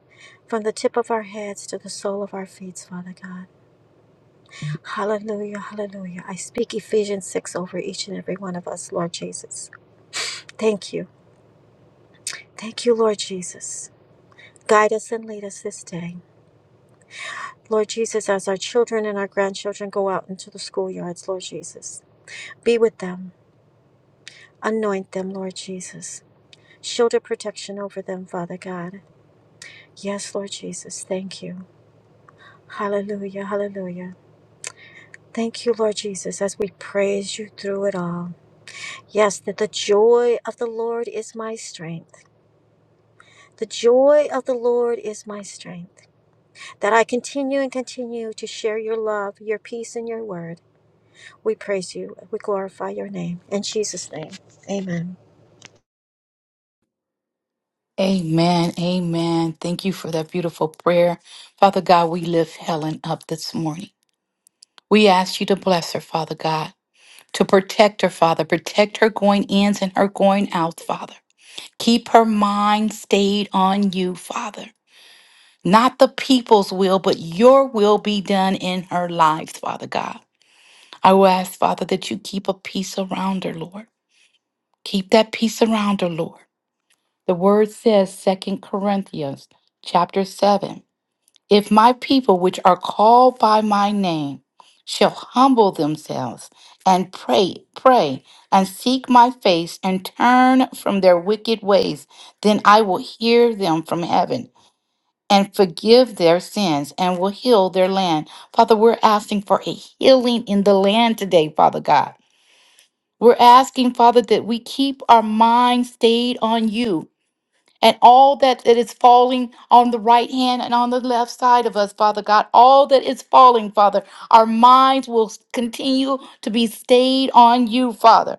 from the tip of our heads to the sole of our feet, Father God. Hallelujah, hallelujah. I speak Ephesians 6 over each and every one of us, Lord Jesus. Thank you. Thank you, Lord Jesus. Guide us and lead us this day. Lord Jesus, as our children and our grandchildren go out into the schoolyards, Lord Jesus, be with them. Anoint them, Lord Jesus. Shield of protection over them, Father God. Yes, Lord Jesus, thank you. Hallelujah, hallelujah. Thank you, Lord Jesus, as we praise you through it all. Yes, that the joy of the Lord is my strength. The joy of the Lord is my strength. that I continue and continue to share your love, your peace, and your word. We praise you. We glorify your name. In Jesus' name, amen.
Amen. Amen. Thank you for that beautiful prayer. Father God, we lift Helen up this morning. We ask you to bless her, Father God, to protect her, Father, protect her going ins and her going outs, Father. Keep her mind stayed on you, Father. Not the people's will, but your will be done in her lives, Father God. I will ask, Father, that you keep a peace around her, Lord. Keep that peace around her, Lord. The word says, Second Corinthians chapter 7. If my people which are called by my name shall humble themselves and pray, pray, and seek my face and turn from their wicked ways, then I will hear them from heaven and forgive their sins and will heal their land. Father, we're asking for a healing in the land today, Father God. We're asking, Father, that we keep our mind stayed on you and all that, that is falling on the right hand and on the left side of us, Father God, all that is falling, Father, our minds will s- continue to be stayed on you, Father.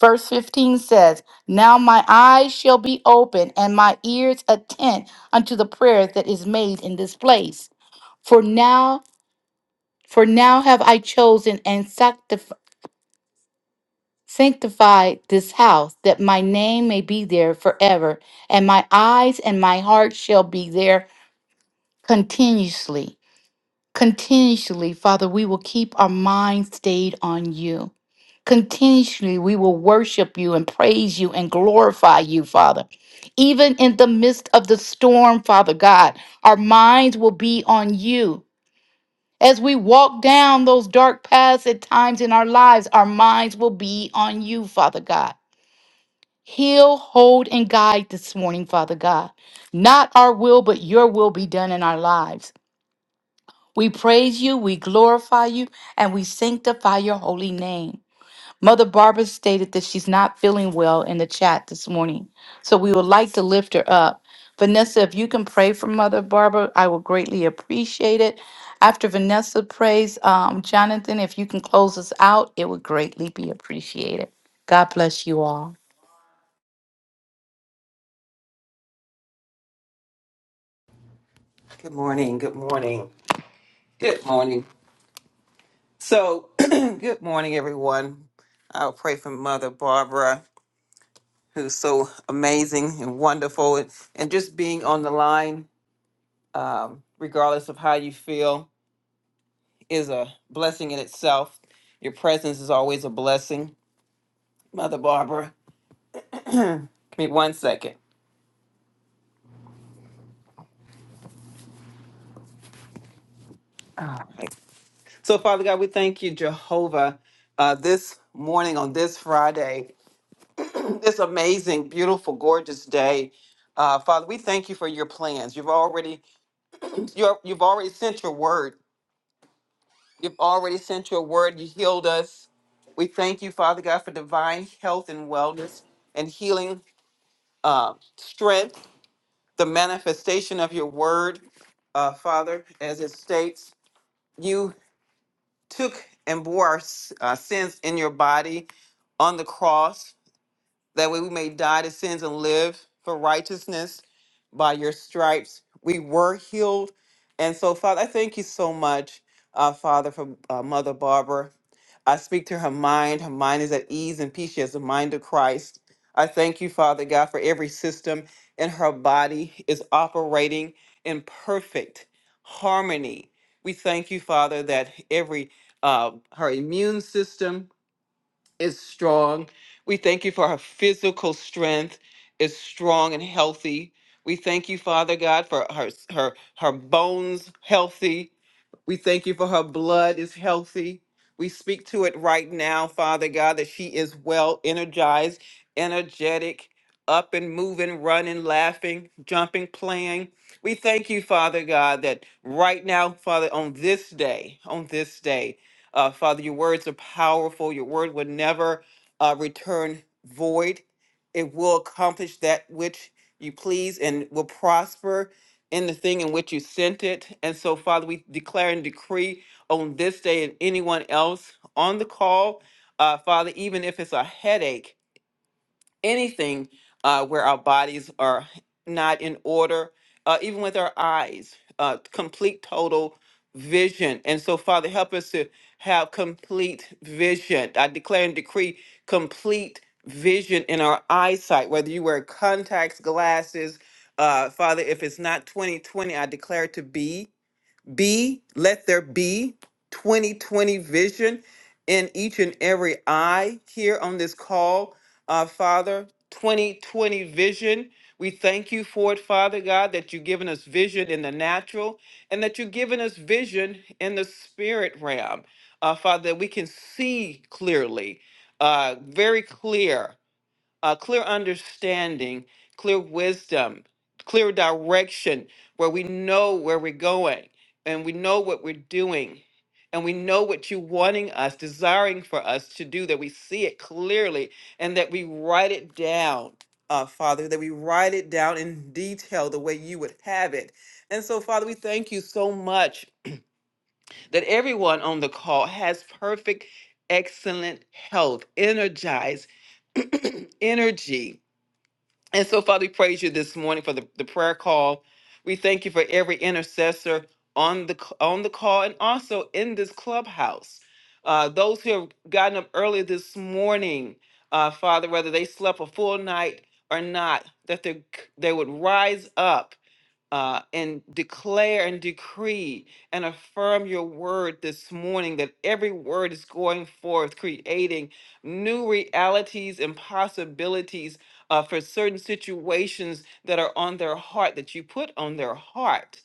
Verse 15 says, Now my eyes shall be open and my ears attent unto the prayer that is made in this place. For now, for now have I chosen and sanctified Sanctify this house, that my name may be there forever, and my eyes and my heart shall be there continuously. Continuously, Father, we will keep our mind stayed on you. Continuously, we will worship you and praise you and glorify you, Father. Even in the midst of the storm, Father God, our minds will be on you. As we walk down those dark paths at times in our lives, our minds will be on you, Father God. Heal, hold, and guide this morning, Father God. Not our will, but your will be done in our lives. We praise you, we glorify you, and we sanctify your holy name. Mother Barbara stated that she's not feeling well in the chat this morning, so we would like to lift her up. Vanessa, if you can pray for Mother Barbara, I will greatly appreciate it. After Vanessa prays, um, Jonathan, if you can close us out, it would greatly be appreciated. God bless you all.
Good morning. Good morning. Good morning. So, good morning, everyone. I'll pray for Mother Barbara, who's so amazing and wonderful. And, and just being on the line, um, regardless of how you feel, is a blessing in itself. Your presence is always a blessing. Mother Barbara, give me one second. All right. So, Father God, we thank you, Jehovah, uh, this morning on this Friday. this amazing, beautiful, gorgeous day. Uh, Father, we thank you for your plans. You've already you're, you've already sent your word. You've already sent your word. You healed us. We thank you, Father God, for divine health and wellness and healing uh, strength, the manifestation of your word, uh, Father, as it states, you took and bore our s- uh, sins in your body on the cross that way we may die to sins and live for righteousness by your stripes we were healed and so father i thank you so much uh, father for uh, mother barbara i speak to her mind her mind is at ease and peace she has the mind of christ i thank you father god for every system in her body is operating in perfect harmony we thank you father that every uh, her immune system is strong. We thank you for her physical strength is strong and healthy. We thank you, Father God, for her her her bones healthy. We thank you for her blood is healthy. We speak to it right now, Father God, that she is well energized, energetic, up and moving, running, laughing, jumping, playing. We thank you, Father God, that right now, Father, on this day, on this day, uh, Father, your words are powerful. Your word will never uh, return void. It will accomplish that which you please and will prosper in the thing in which you sent it. And so, Father, we declare and decree on this day and anyone else on the call, uh, Father, even if it's a headache anything uh, where our bodies are not in order, uh, even with our eyes, uh, complete total vision. And so, Father, help us to have complete vision. I declare and decree complete vision in our eyesight, whether you wear contacts, glasses. Uh, Father, if it's not 2020, I declare it to be. Be, let there be 2020 vision in each and every eye here on this call, uh, Father. 2020 vision. We thank you for it, Father God, that you've given us vision in the natural and that you've given us vision in the spirit realm. Uh, Father, that we can see clearly, uh, very clear uh, clear understanding, clear wisdom, clear direction, where we know where we're going and we know what we're doing and we know what you're wanting us, desiring for us to do, that we see it clearly and that we write it down. Uh, Father, that we write it down in detail the way you would have it. And so, Father, we thank you so much that everyone on the call has perfect, excellent health, energized energy and so, Father, we praise you this morning for the, the prayer call. We thank you for every intercessor on the c- on the call and also in this clubhouse. Uh, those who have gotten up early this morning, uh, Father, whether they slept a full night or not, that they they would rise up uh, and declare and decree and affirm your word this morning that every word is going forth, creating new realities and possibilities uh, for certain situations that are on their heart, that you put on their heart.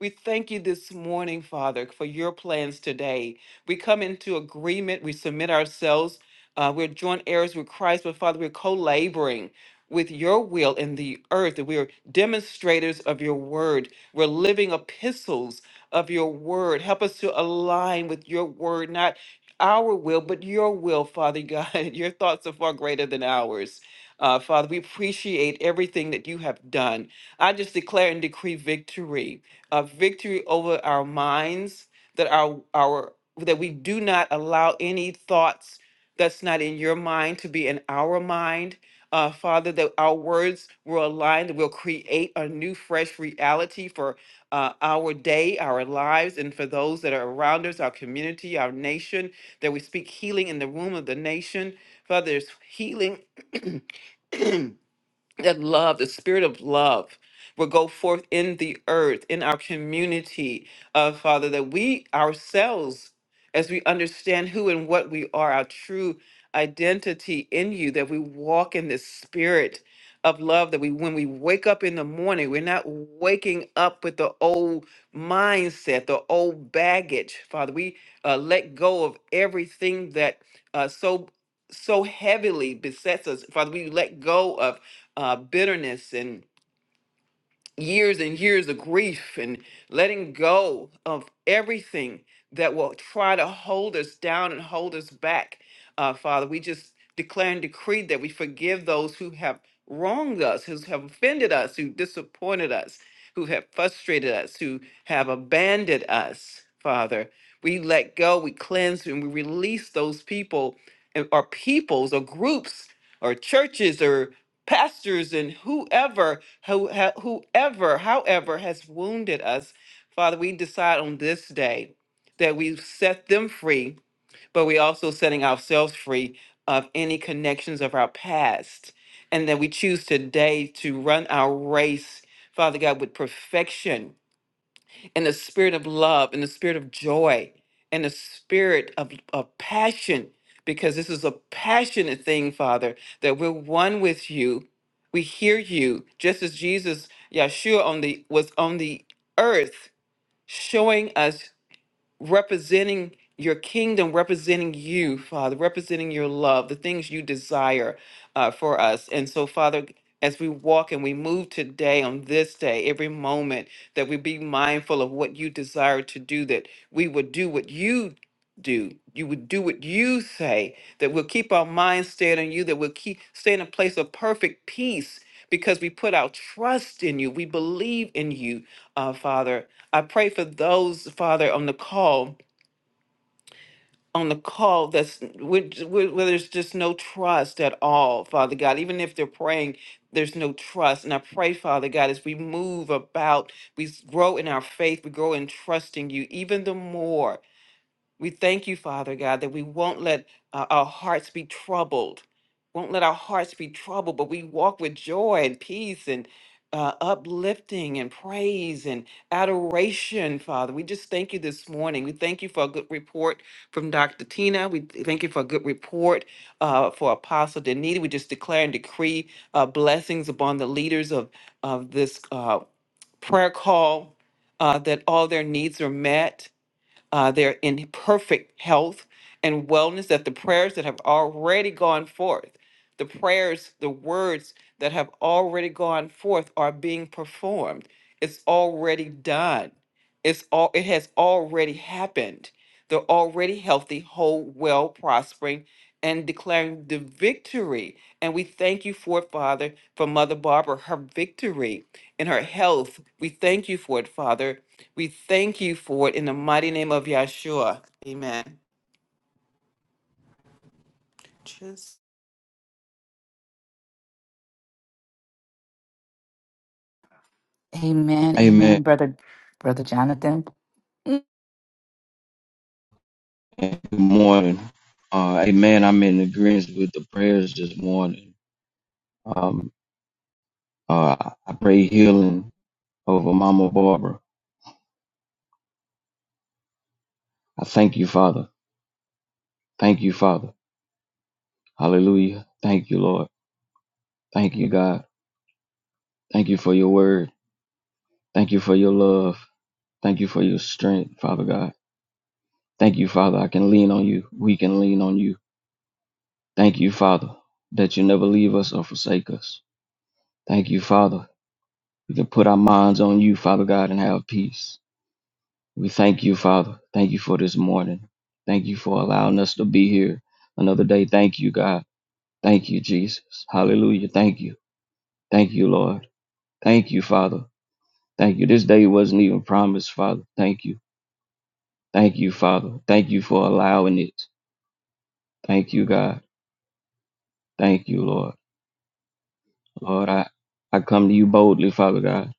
We thank you this morning, Father, for your plans today. We come into agreement, we submit ourselves. Uh, we're joint heirs with Christ, but Father, we're co laboring with your will in the earth. that We're demonstrators of your word. We're living epistles of your word. Help us to align with your word, not our will, but your will, Father God. Your thoughts are far greater than ours. Uh, Father, we appreciate everything that you have done. I just declare and decree victory, uh, victory over our minds, that our our that we do not allow any thoughts that's not in your mind to be in our mind uh, Father, that our words will align, that will create a new, fresh reality for uh, our day, our lives, and for those that are around us, our community, our nation, that we speak healing in the womb of the nation. Father, there's healing. that love, the spirit of love, will go forth in the earth, in our community, uh, Father, that we ourselves, as we understand who and what we are, our true identity in you, that we walk in this spirit of love, that we, when we wake up in the morning, we're not waking up with the old mindset, the old baggage, Father. We uh, let go of everything that uh, so so heavily besets us, Father. We let go of uh, bitterness and years and years of grief and letting go of everything that will try to hold us down and hold us back. Uh, Father, we just declare and decree that we forgive those who have wronged us, who have offended us, who disappointed us, who have frustrated us, who have abandoned us, Father. We let go, we cleanse, and we release those people and or peoples or groups or churches pastors and whoever who ha- whoever however has wounded us father we decide on this day that we set them free but we also setting ourselves free of any connections of our past and that we choose today to run our race father god with perfection and the spirit of love and the spirit of joy and the spirit of, of passion because this is a passionate thing father that we're one with you we hear you just as jesus yeshua on the was on the earth showing us representing your kingdom, representing you, Father, representing your love, the things you desire uh, for us. And so, Father, as we walk and we move today on this day, every moment, that we be mindful of what you desire to do, that we would do what you do. You would do what you say, that we'll keep our minds stayed on you, that we'll keep stay in a place of perfect peace because we put our trust in you. We believe in you, uh, Father. I pray for those, Father, on the call, on the call that's where, where where there's just no trust at all, Father God. Even if they're praying, there's no trust. And I pray, Father God, as we move about, we s- grow in our faith, we grow in trusting you even the more. We thank you, Father God, that we won't let uh, our hearts be troubled, won't let our hearts be troubled, but we walk with joy and peace and uh, uplifting and praise and adoration, Father. We just thank you this morning. We thank you for a good report from Dr. Tina. We thank you for a good report uh, for Apostle Danita. We just declare and decree uh, blessings upon the leaders of, of this uh, prayer call uh, that all their needs are met uh, they're in perfect health and wellness, that the prayers that have already gone forth, the prayers, the words that have already gone forth are being performed. It's already done. It's all it has already happened. They're already healthy, whole, well, prospering, and declaring the victory. And we thank you for it, Father, for Mother Barbara, her victory and her health. We thank you for it, Father we thank you for it in the mighty name of Yahshua. Amen. Just
Amen.
Amen.
Amen, brother, brother Jonathan.
Good morning. Uh, amen. I'm in agreement with the prayers this morning. Um, uh, I pray healing over Mama Barbara. I thank you, Father. Thank you, Father. Hallelujah. Thank you, Lord. Thank you, God. Thank you for your word. Thank you for your love. Thank you for your strength, Father God. Thank you, Father. I can lean on you. We can lean on you. Thank you, Father, that you never leave us or forsake us. Thank you, Father. We can put our minds on you, Father God, and have peace. We thank you, Father. Thank you for this morning. Thank you for allowing us to be here another day. Thank you, God. Thank you, Jesus. Hallelujah. Thank you. Thank you, Lord. Thank you, Father. Thank you. This day wasn't even promised, Father. Thank you. Thank you, Father. Thank you for allowing it. Thank you, God. Thank you, Lord. Lord, I, I come to you boldly, Father God,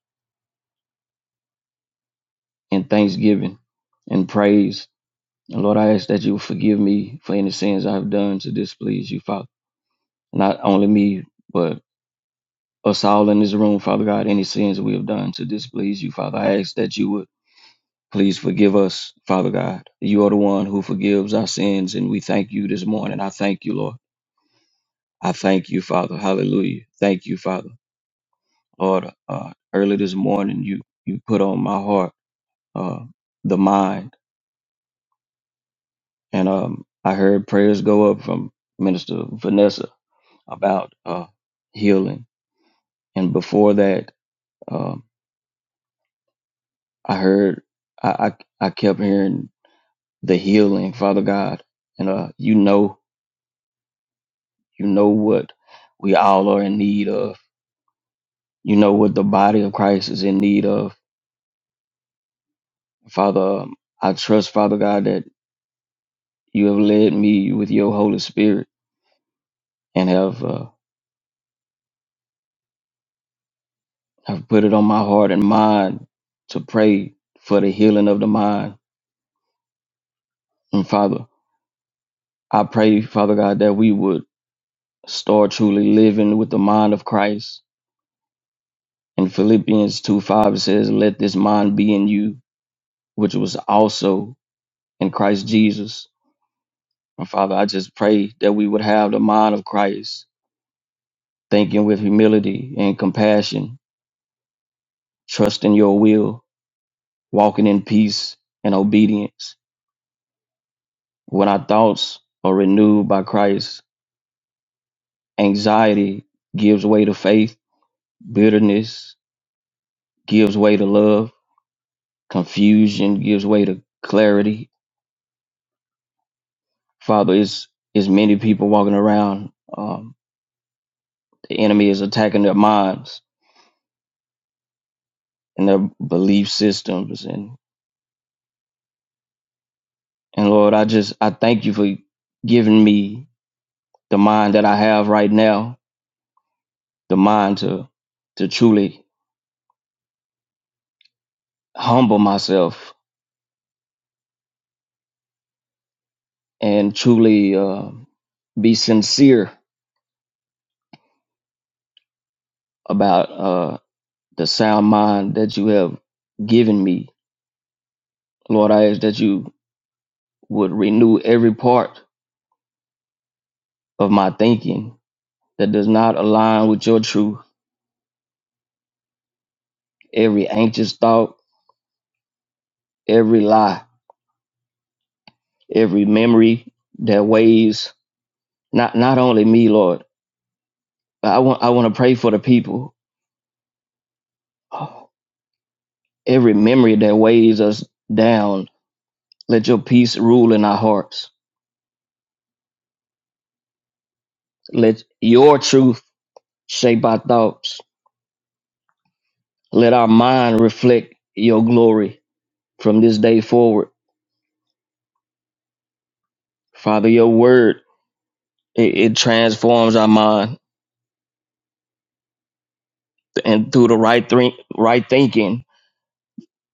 in thanksgiving and praise. And Lord, I ask that you forgive me for any sins I've done to displease you, Father. Not only me, but us all in this room, Father God, any sins we have done to displease you, Father. I ask that you would please forgive us, Father God. You are the one who forgives our sins, and we thank you this morning. I thank you, Lord. I thank you, Father. Hallelujah. Thank you, Father. Lord, uh, early this morning, you you put on my heart uh, the mind, and um, I heard prayers go up from Minister Vanessa about uh, healing, and before that, um, I heard I, I I kept hearing the healing, Father God. And uh, you know, you know what we all are in need of. You know what the body of Christ is in need of. Father, um, I trust, Father God, that you have led me with your Holy Spirit and have uh, have put it on my heart and mind to pray for the healing of the mind. And Father, I pray, Father God, that we would start truly living with the mind of Christ. In Philippians 2 5 it says, Let this mind be in you, which was also in Christ Jesus. And Father, I just pray that we would have the mind of Christ, thinking with humility and compassion, trusting your will, walking in peace and obedience. When our thoughts are renewed by Christ, anxiety gives way to faith, bitterness gives way to love, confusion gives way to clarity. Father, it's, it's many people walking around. Um, the enemy is attacking their minds and their belief systems and And Lord, I just I thank you for giving me the mind that I have right now, the mind to to truly humble myself and truly uh, be sincere about uh, the sound mind that you have given me. Lord, I ask that you would renew every part of my thinking that does not align with your truth, every anxious thought, every lie, every memory that weighs not not only me, Lord But I want I want to pray for the people. Every memory that weighs us down, let your peace rule in our hearts. Let your truth shape our thoughts. Let our mind reflect your glory from this day forward. Father, your word it, it transforms our mind, and through the right think, right thinking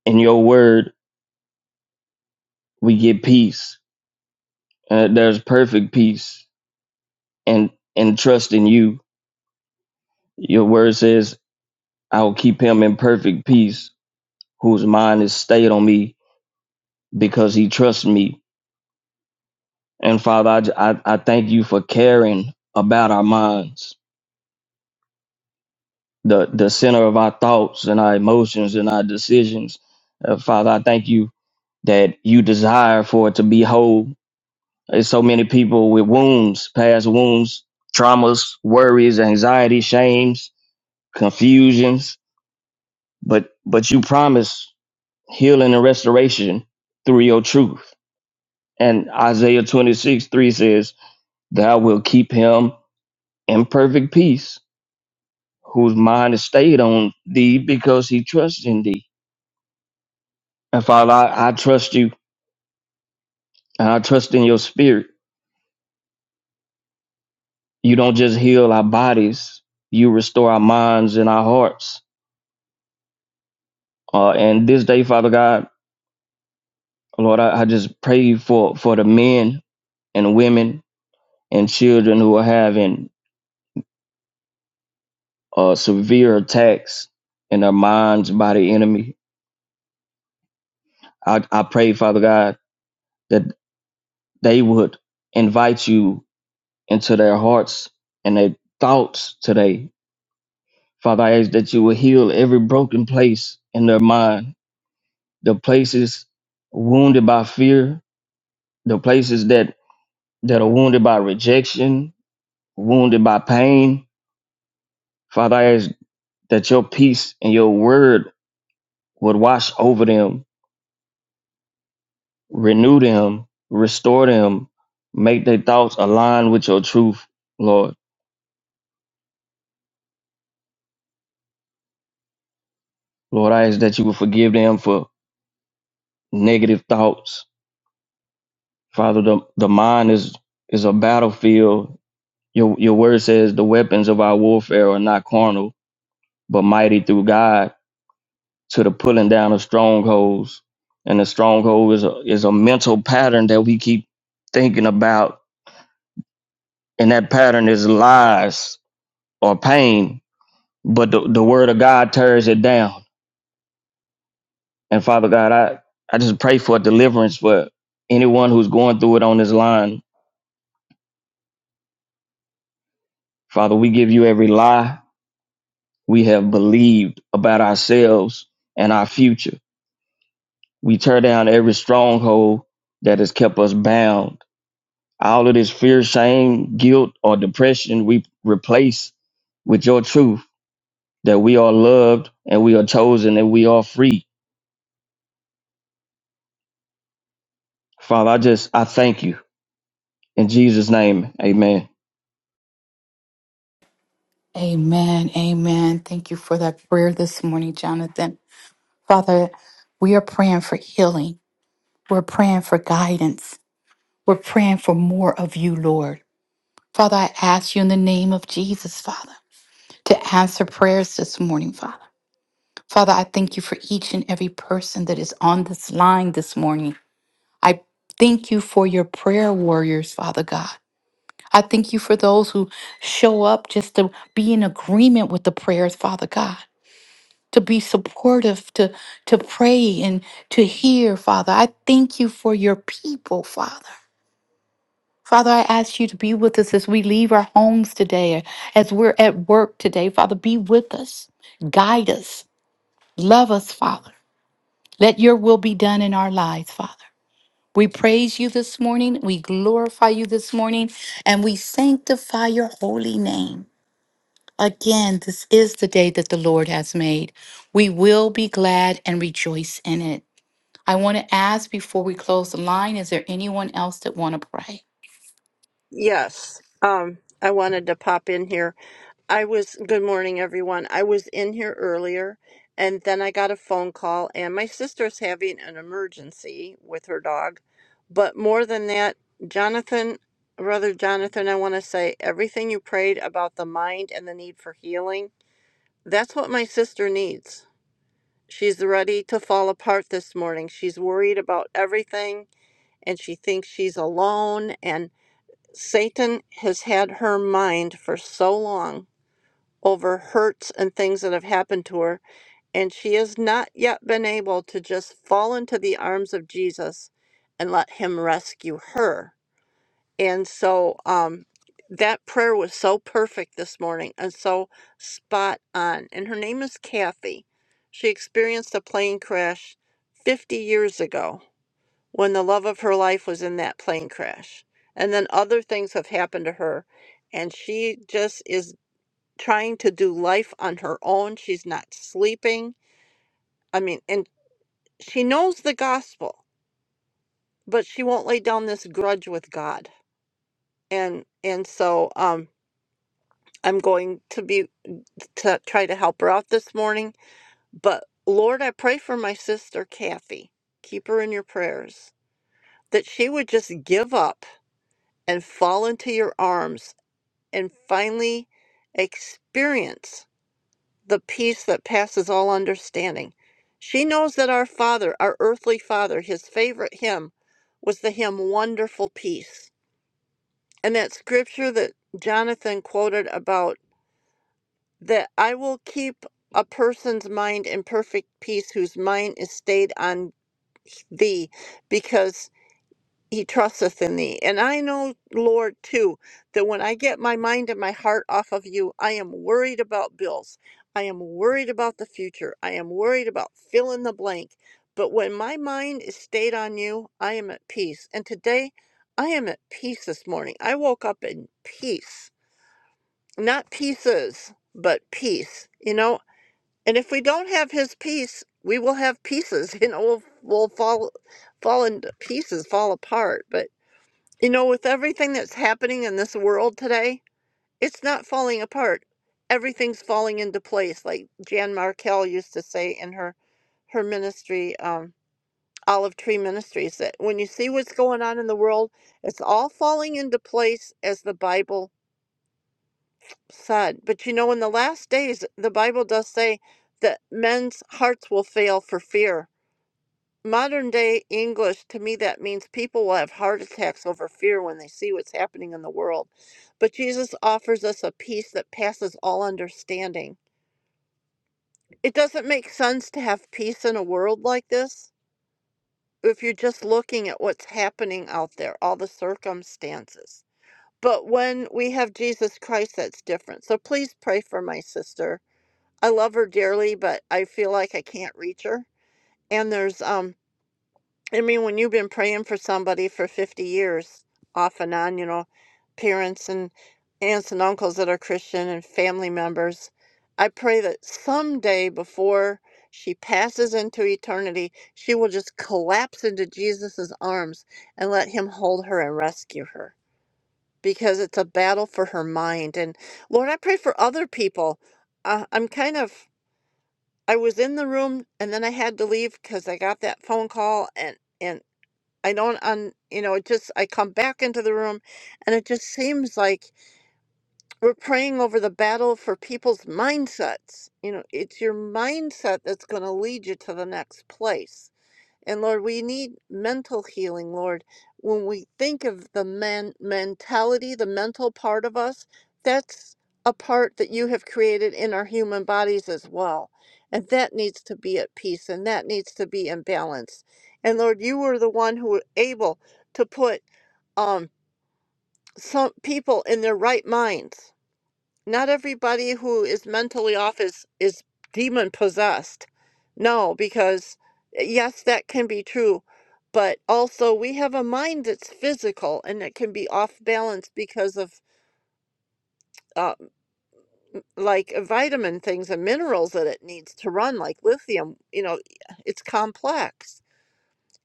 in your word, we get peace. Uh, there's perfect peace, and and trust in you. Your word says, "I will keep him in perfect peace." whose mind is stayed on me because he trusts me. And Father, I I I thank you for caring about our minds, the, the center of our thoughts and our emotions and our decisions. Uh, Father, I thank you that you desire for it to be whole. There's so many people with wounds, past wounds, traumas, worries, anxiety, shames, confusions, but but you promise healing and restoration through your truth. And Isaiah 26, 3 says, Thou wilt keep him in perfect peace, whose mind is stayed on thee because he trusts in thee. And Father, I, I trust you and I trust in your spirit. You don't just heal our bodies, you restore our minds and our hearts. Uh, and this day, Father God, Lord, I, I just pray for, for the men and women and children who are having uh, severe attacks in their minds by the enemy. I, I pray, Father God, that they would invite you into their hearts and their thoughts today. Father, I ask that you will heal every broken place in their mind, the places wounded by fear, the places that, that are wounded by rejection, wounded by pain. Father, I ask that your peace and your word would wash over them, renew them, restore them, make their thoughts align with your truth, Lord. Lord, I ask that you will forgive them for negative thoughts, Father, the, the mind is is a battlefield. Your your word says the weapons of our warfare are not carnal, but mighty through God to the pulling down of strongholds. And the stronghold is a is a mental pattern that we keep thinking about, and that pattern is lies or pain. But the, the word of God tears it down. And Father God, I, I just pray for deliverance for anyone who's going through it on this line. Father, we give you every lie we have believed about ourselves and our future. We tear down every stronghold that has kept us bound. All of this fear, shame, guilt, or depression we replace with your truth that we are loved and we are chosen and we are free. Father, I just, I thank you. In Jesus' name, amen.
Amen. Amen. Thank you for that prayer this morning, Jonathan. Father, we are praying for healing. We're praying for guidance. We're praying for more of you, Lord. Father, I ask you in the name of Jesus, Father, to answer prayers this morning, Father. Father, I thank you for each and every person that is on this line this morning. I thank you for your prayer warriors, Father God. I thank you for those who show up just to be in agreement with the prayers, Father God, to be supportive, to, to pray and to hear, Father. I thank you for your people, Father. Father, I ask you to be with us as we leave our homes today, as we're at work today. Father, be with us, guide us, love us, Father. Let your will be done in our lives, Father. We praise you this morning. We glorify you this morning, and we sanctify your holy name. Again, this is the day that the Lord has made. We will be glad and rejoice in it. I want to ask before we close the line, is there anyone else that want to pray?
Yes. Um, I wanted to pop in here. I was, good morning, everyone. I was in here earlier and then I got a phone call, and my sister's having an emergency with her dog. But more than that, Jonathan, brother Jonathan, I want to say everything you prayed about the mind and the need for healing, that's what my sister needs. She's ready to fall apart this morning. She's worried about everything and she thinks she's alone, and Satan has had her mind for so long over hurts and things that have happened to her. And she has not yet been able to just fall into the arms of Jesus and let him rescue her. And so um, that prayer was so perfect this morning and so spot on. And her name is Kathy. She experienced a plane crash 50 years ago when the love of her life was in that plane crash. And then other things have happened to her. And she just is trying to do life on her own. She's not sleeping. I mean, and she knows the gospel, but she won't lay down this grudge with God. And and so um I'm going to be to try to help her out this morning, but Lord, I pray for my sister Kathy. Keep her in your prayers that she would just give up and fall into your arms and finally experience the peace that passes all understanding. She knows that our Father, our earthly Father, his favorite hymn was the hymn Wonderful Peace. And that scripture that Jonathan quoted about that I will keep a person's mind in perfect peace whose mind is stayed on thee because He trusteth in thee. And I know, Lord, too, that when I get my mind and my heart off of you, I am worried about bills. I am worried about the future. I am worried about fill in the blank. But when my mind is stayed on you, I am at peace. And today, I am at peace this morning. I woke up in peace. Not pieces, but peace, you know? And if we don't have his peace, we will have pieces, you know, we'll, we'll fall fall into pieces, fall apart. But you know, with everything that's happening in this world today, it's not falling apart. Everything's falling into place, like Jan Markell used to say in her her ministry, um, Olive Tree Ministries, that when you see what's going on in the world, it's all falling into place as the Bible said. But you know, in the last days, the Bible does say that men's hearts will fail for fear modern day English, to me, that means people will have heart attacks over fear when they see what's happening in the world. But Jesus offers us a peace that passes all understanding. It doesn't make sense to have peace in a world like this if you're just looking at what's happening out there, all the circumstances. But when we have Jesus Christ, that's different. So please pray for my sister. I love her dearly, but I feel like I can't reach her. And there's um I mean, when you've been praying for somebody for 50 years, off and on, you know, parents and aunts and uncles that are Christian and family members, I pray that someday before she passes into eternity, she will just collapse into Jesus' arms and let him hold her and rescue her because it's a battle for her mind. And Lord, I pray for other people. Uh, I'm kind of, I was in the room and then I had to leave because I got that phone call and. and I don't un you know, it just I come back into the room and it just seems like we're praying over the battle for people's mindsets. You know, it's your mindset that's going to lead you to the next place. And Lord, we need mental healing, Lord. When we think of the man mentality, the mental part of us, that's a part that you have created in our human bodies as well. And that needs to be at peace and that needs to be in balance. And Lord, you were the one who were able to put um, some people in their right minds not everybody who is mentally off is, is demon possessed. No, because eh, yes, that can be true, but also we have a mind that's physical and it can be off balance because of uh, like vitamin things and minerals that it needs to run, like lithium. You know, it's complex.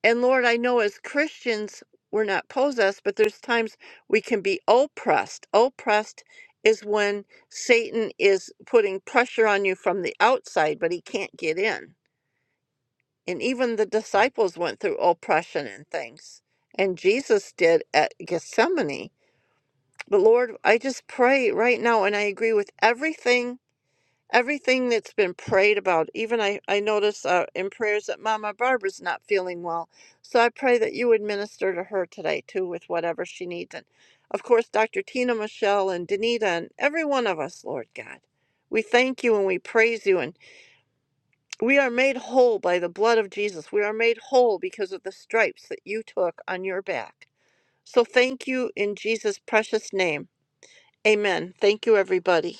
And Lord, I know as Christians, we're not possessed, but there's times we can be oppressed. Oppressed is when Satan is putting pressure on you from the outside, but he can't get in. And even the disciples went through oppression and things. And Jesus did at Gethsemane. But Lord, I just pray right now, and I agree with everything everything that's been prayed about even i i notice uh, in prayers that mama barbara's not feeling well so i pray that you would minister to her today too with whatever she needs and of course dr tina michelle and danita and every one of us lord god we thank you and we praise you and we are made whole by the blood of jesus we are made whole because of the stripes that you took on your back so thank you in jesus precious name amen thank you everybody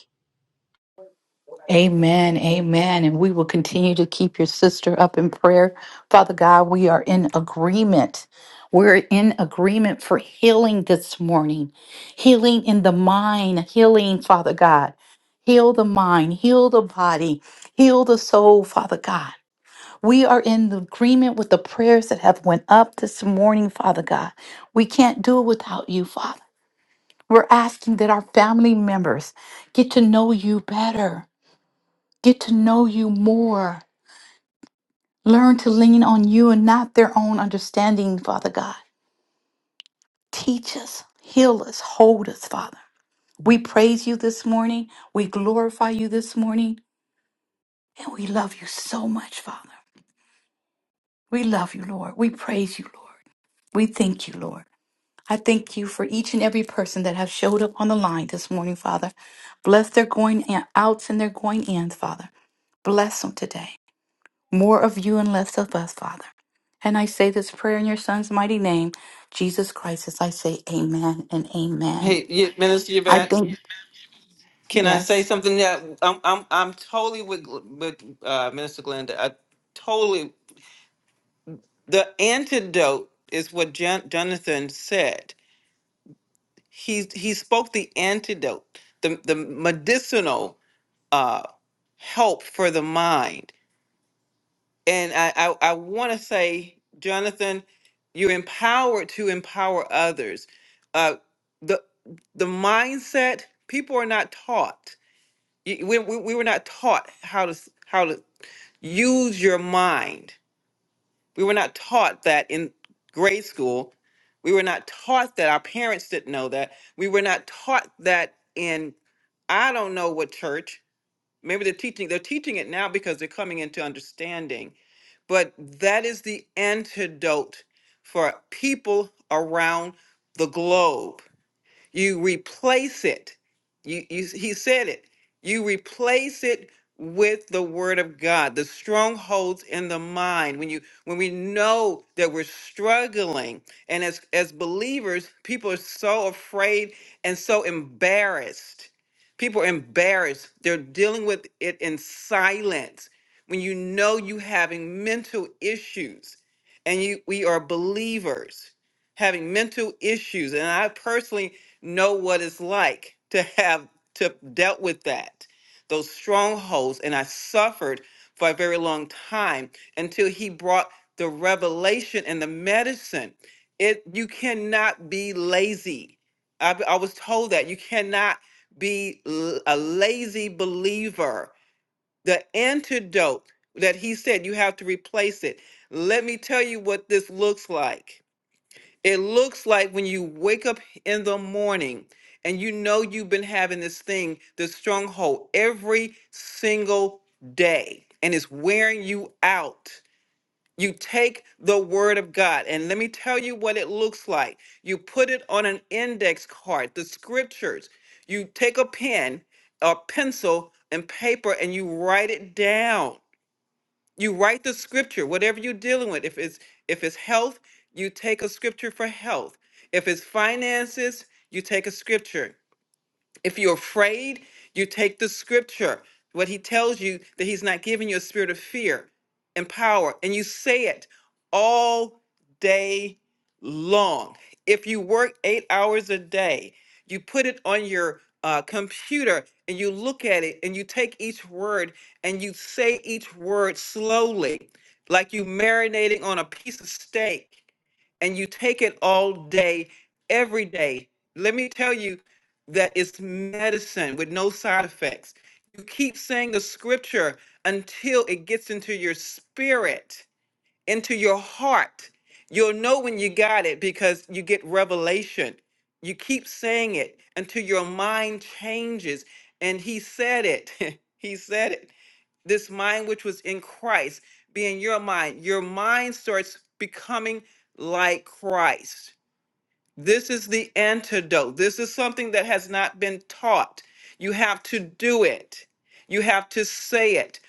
Amen. Amen. And we will continue to keep your sister up in prayer. Father God, we are in agreement. We're in agreement for healing this morning, healing in the mind, healing, Father God. Heal the mind, heal the body, heal the soul, Father God. We are in agreement with the prayers that have went up this morning, Father God. We can't do it without you, Father. We're asking that our family members get to know you better, get to know you more, learn to lean on you and not their own understanding, Father God. Teach us, heal us, hold us, Father. We praise you this morning. We glorify you this morning. And we love you so much, Father. We love you, Lord. We praise you, Lord. We thank you, Lord. I thank you for each and every person that have showed up on the line this morning, Father. Bless their going in- outs and their going ins, Father. Bless them today. More of you and less of us, Father. And I say this prayer in your son's mighty name, Jesus Christ, as I say amen and amen.
hey, Ye- Minister
I thank
Yvette,
Amen.
can I say
yes.
something? That I'm, I'm, I'm totally with, Gl- with uh, Minister Glenda. I totally. The antidote is what Jon- Jonathan said. He he spoke the antidote, the the medicinal uh, help for the mind and I, I, I want to say, Jonathan, you're empowered to empower others. Uh, the the mindset people are not taught. Y- We, we, we were not taught how to s- how to use your mind. We were not taught that in grade school. We were not taught that. Our parents didn't know that. We were not taught that in I don't know what church. Maybe they're teaching. They're teaching it now because they're coming into understanding but that is the antidote for people around the globe. You replace it. You, you, he said it. You replace it with the word of God, the strongholds in the mind. When you when we know that we're struggling, and as as believers, people are so afraid and so embarrassed. People are embarrassed. They're dealing with it in silence. When you know you having mental issues, and you we are believers having mental issues, and I personally know what it's like to have to dealt with that those strongholds and i suffered for a very long time until he brought the revelation and the medicine it you cannot be lazy i, I was told that you cannot be l- a lazy believer the antidote that he said you have to replace it let me tell you what this looks like it looks like when you wake up in the morning and you know you've been having this thing, this stronghold, every single day, and it's wearing you out. You take the word of God, and let me tell you what it looks like. You put it on an index card, the scriptures. You take a pen, a pencil, and paper, and you write it down you write the scripture whatever you're dealing with if it's if it's health you take a scripture for health if it's finances you take a scripture if you're afraid, you take the scripture, what he tells you that he's not giving you a spirit of fear and power, and you say it all day long. If you work eight hours a day, you put it on your uh, computer and you look at it and you take each word and you say each word slowly, like you marinating on a piece of steak and you take it all day, every day. Let me tell you that it's medicine with no side effects. You keep saying the scripture until it gets into your spirit, into your heart. You'll know when you got it because you get revelation. You keep saying it until your mind changes. And he said it. he said it this mind which was in Christ being your mind, your mind starts becoming like Christ. This is the antidote. This is something that has not been taught. You have to do it. You have to say it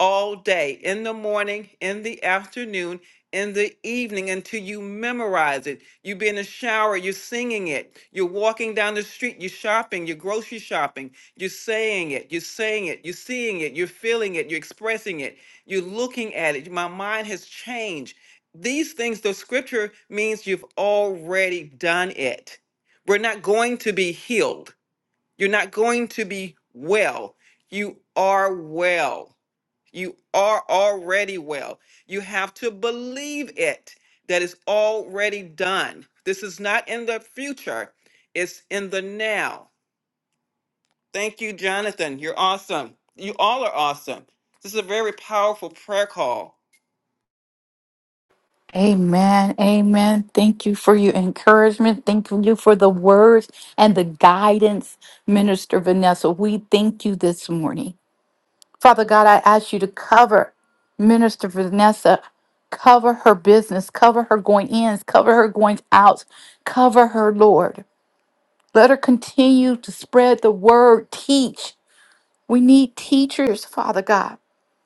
all day, in the morning, in the afternoon, in the evening, until you memorize it. You be in the shower, you're singing it. You're walking down the street, you're shopping, you're grocery shopping. You're saying it, you're saying it, you're seeing it, you're feeling it, you're expressing it, you're looking at it. My mind has changed these things, the scripture means you've already done it. We're not going to be healed. You're not going to be well. You are well. You are already well. You have to believe it that is already done. This is not in the future, it's in the now. Thank you, Jonathan. You're awesome. You all are awesome. This is a very powerful prayer call.
Amen. Amen. Thank you for your encouragement. Thank you for the words and the guidance, Minister Vanessa. We thank you this morning. Father God, I ask you to cover Minister Vanessa, cover her business, cover her going ins, cover her going outs, cover her, Lord. Let her continue to spread the word, teach. We need teachers, Father God.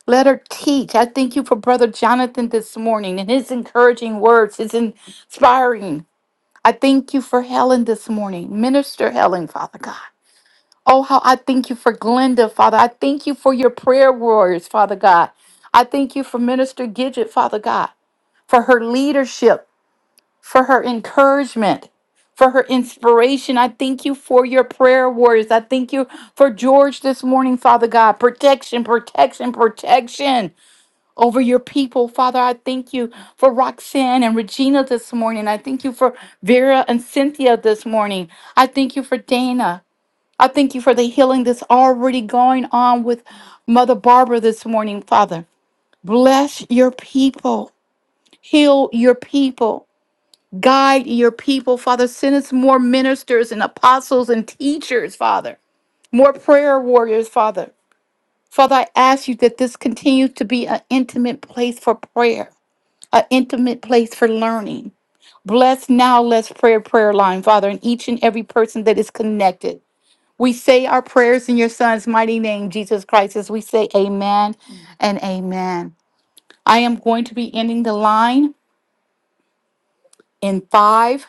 Let her teach. I thank you for Brother Jonathan this morning and his encouraging words, his inspiring. I thank you for Helen this morning, Minister Helen, Father God. Oh, how I thank you for Glenda, Father. I thank you for your prayer warriors, Father God. I thank you for Minister Gidget, Father God, for her leadership, for her encouragement, for her inspiration. I thank you for your prayer warriors. I thank you for George this morning, Father God. Protection, protection, protection over your people, Father. I thank you for Roxanne and Regina this morning. I thank you for Vera and Cynthia this morning. I thank you for Dana. I thank you for the healing that's already going on with Mother Barbara this morning, Father. Bless your people, heal your people, guide your people, Father. Send us more ministers and apostles and teachers, Father, more prayer warriors, Father. Father, I ask you that this continue to be an intimate place for prayer, an intimate place for learning. Bless now, let's prayer prayer line, Father, and each and every person that is connected. We say our prayers in your son's mighty name, Jesus Christ, as we say amen and amen. I am going to be ending the line in five,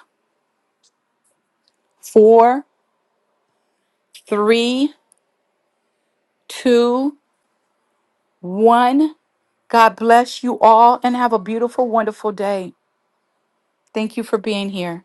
four, three, two, one. God bless you all and have a beautiful, wonderful day. Thank you for being here.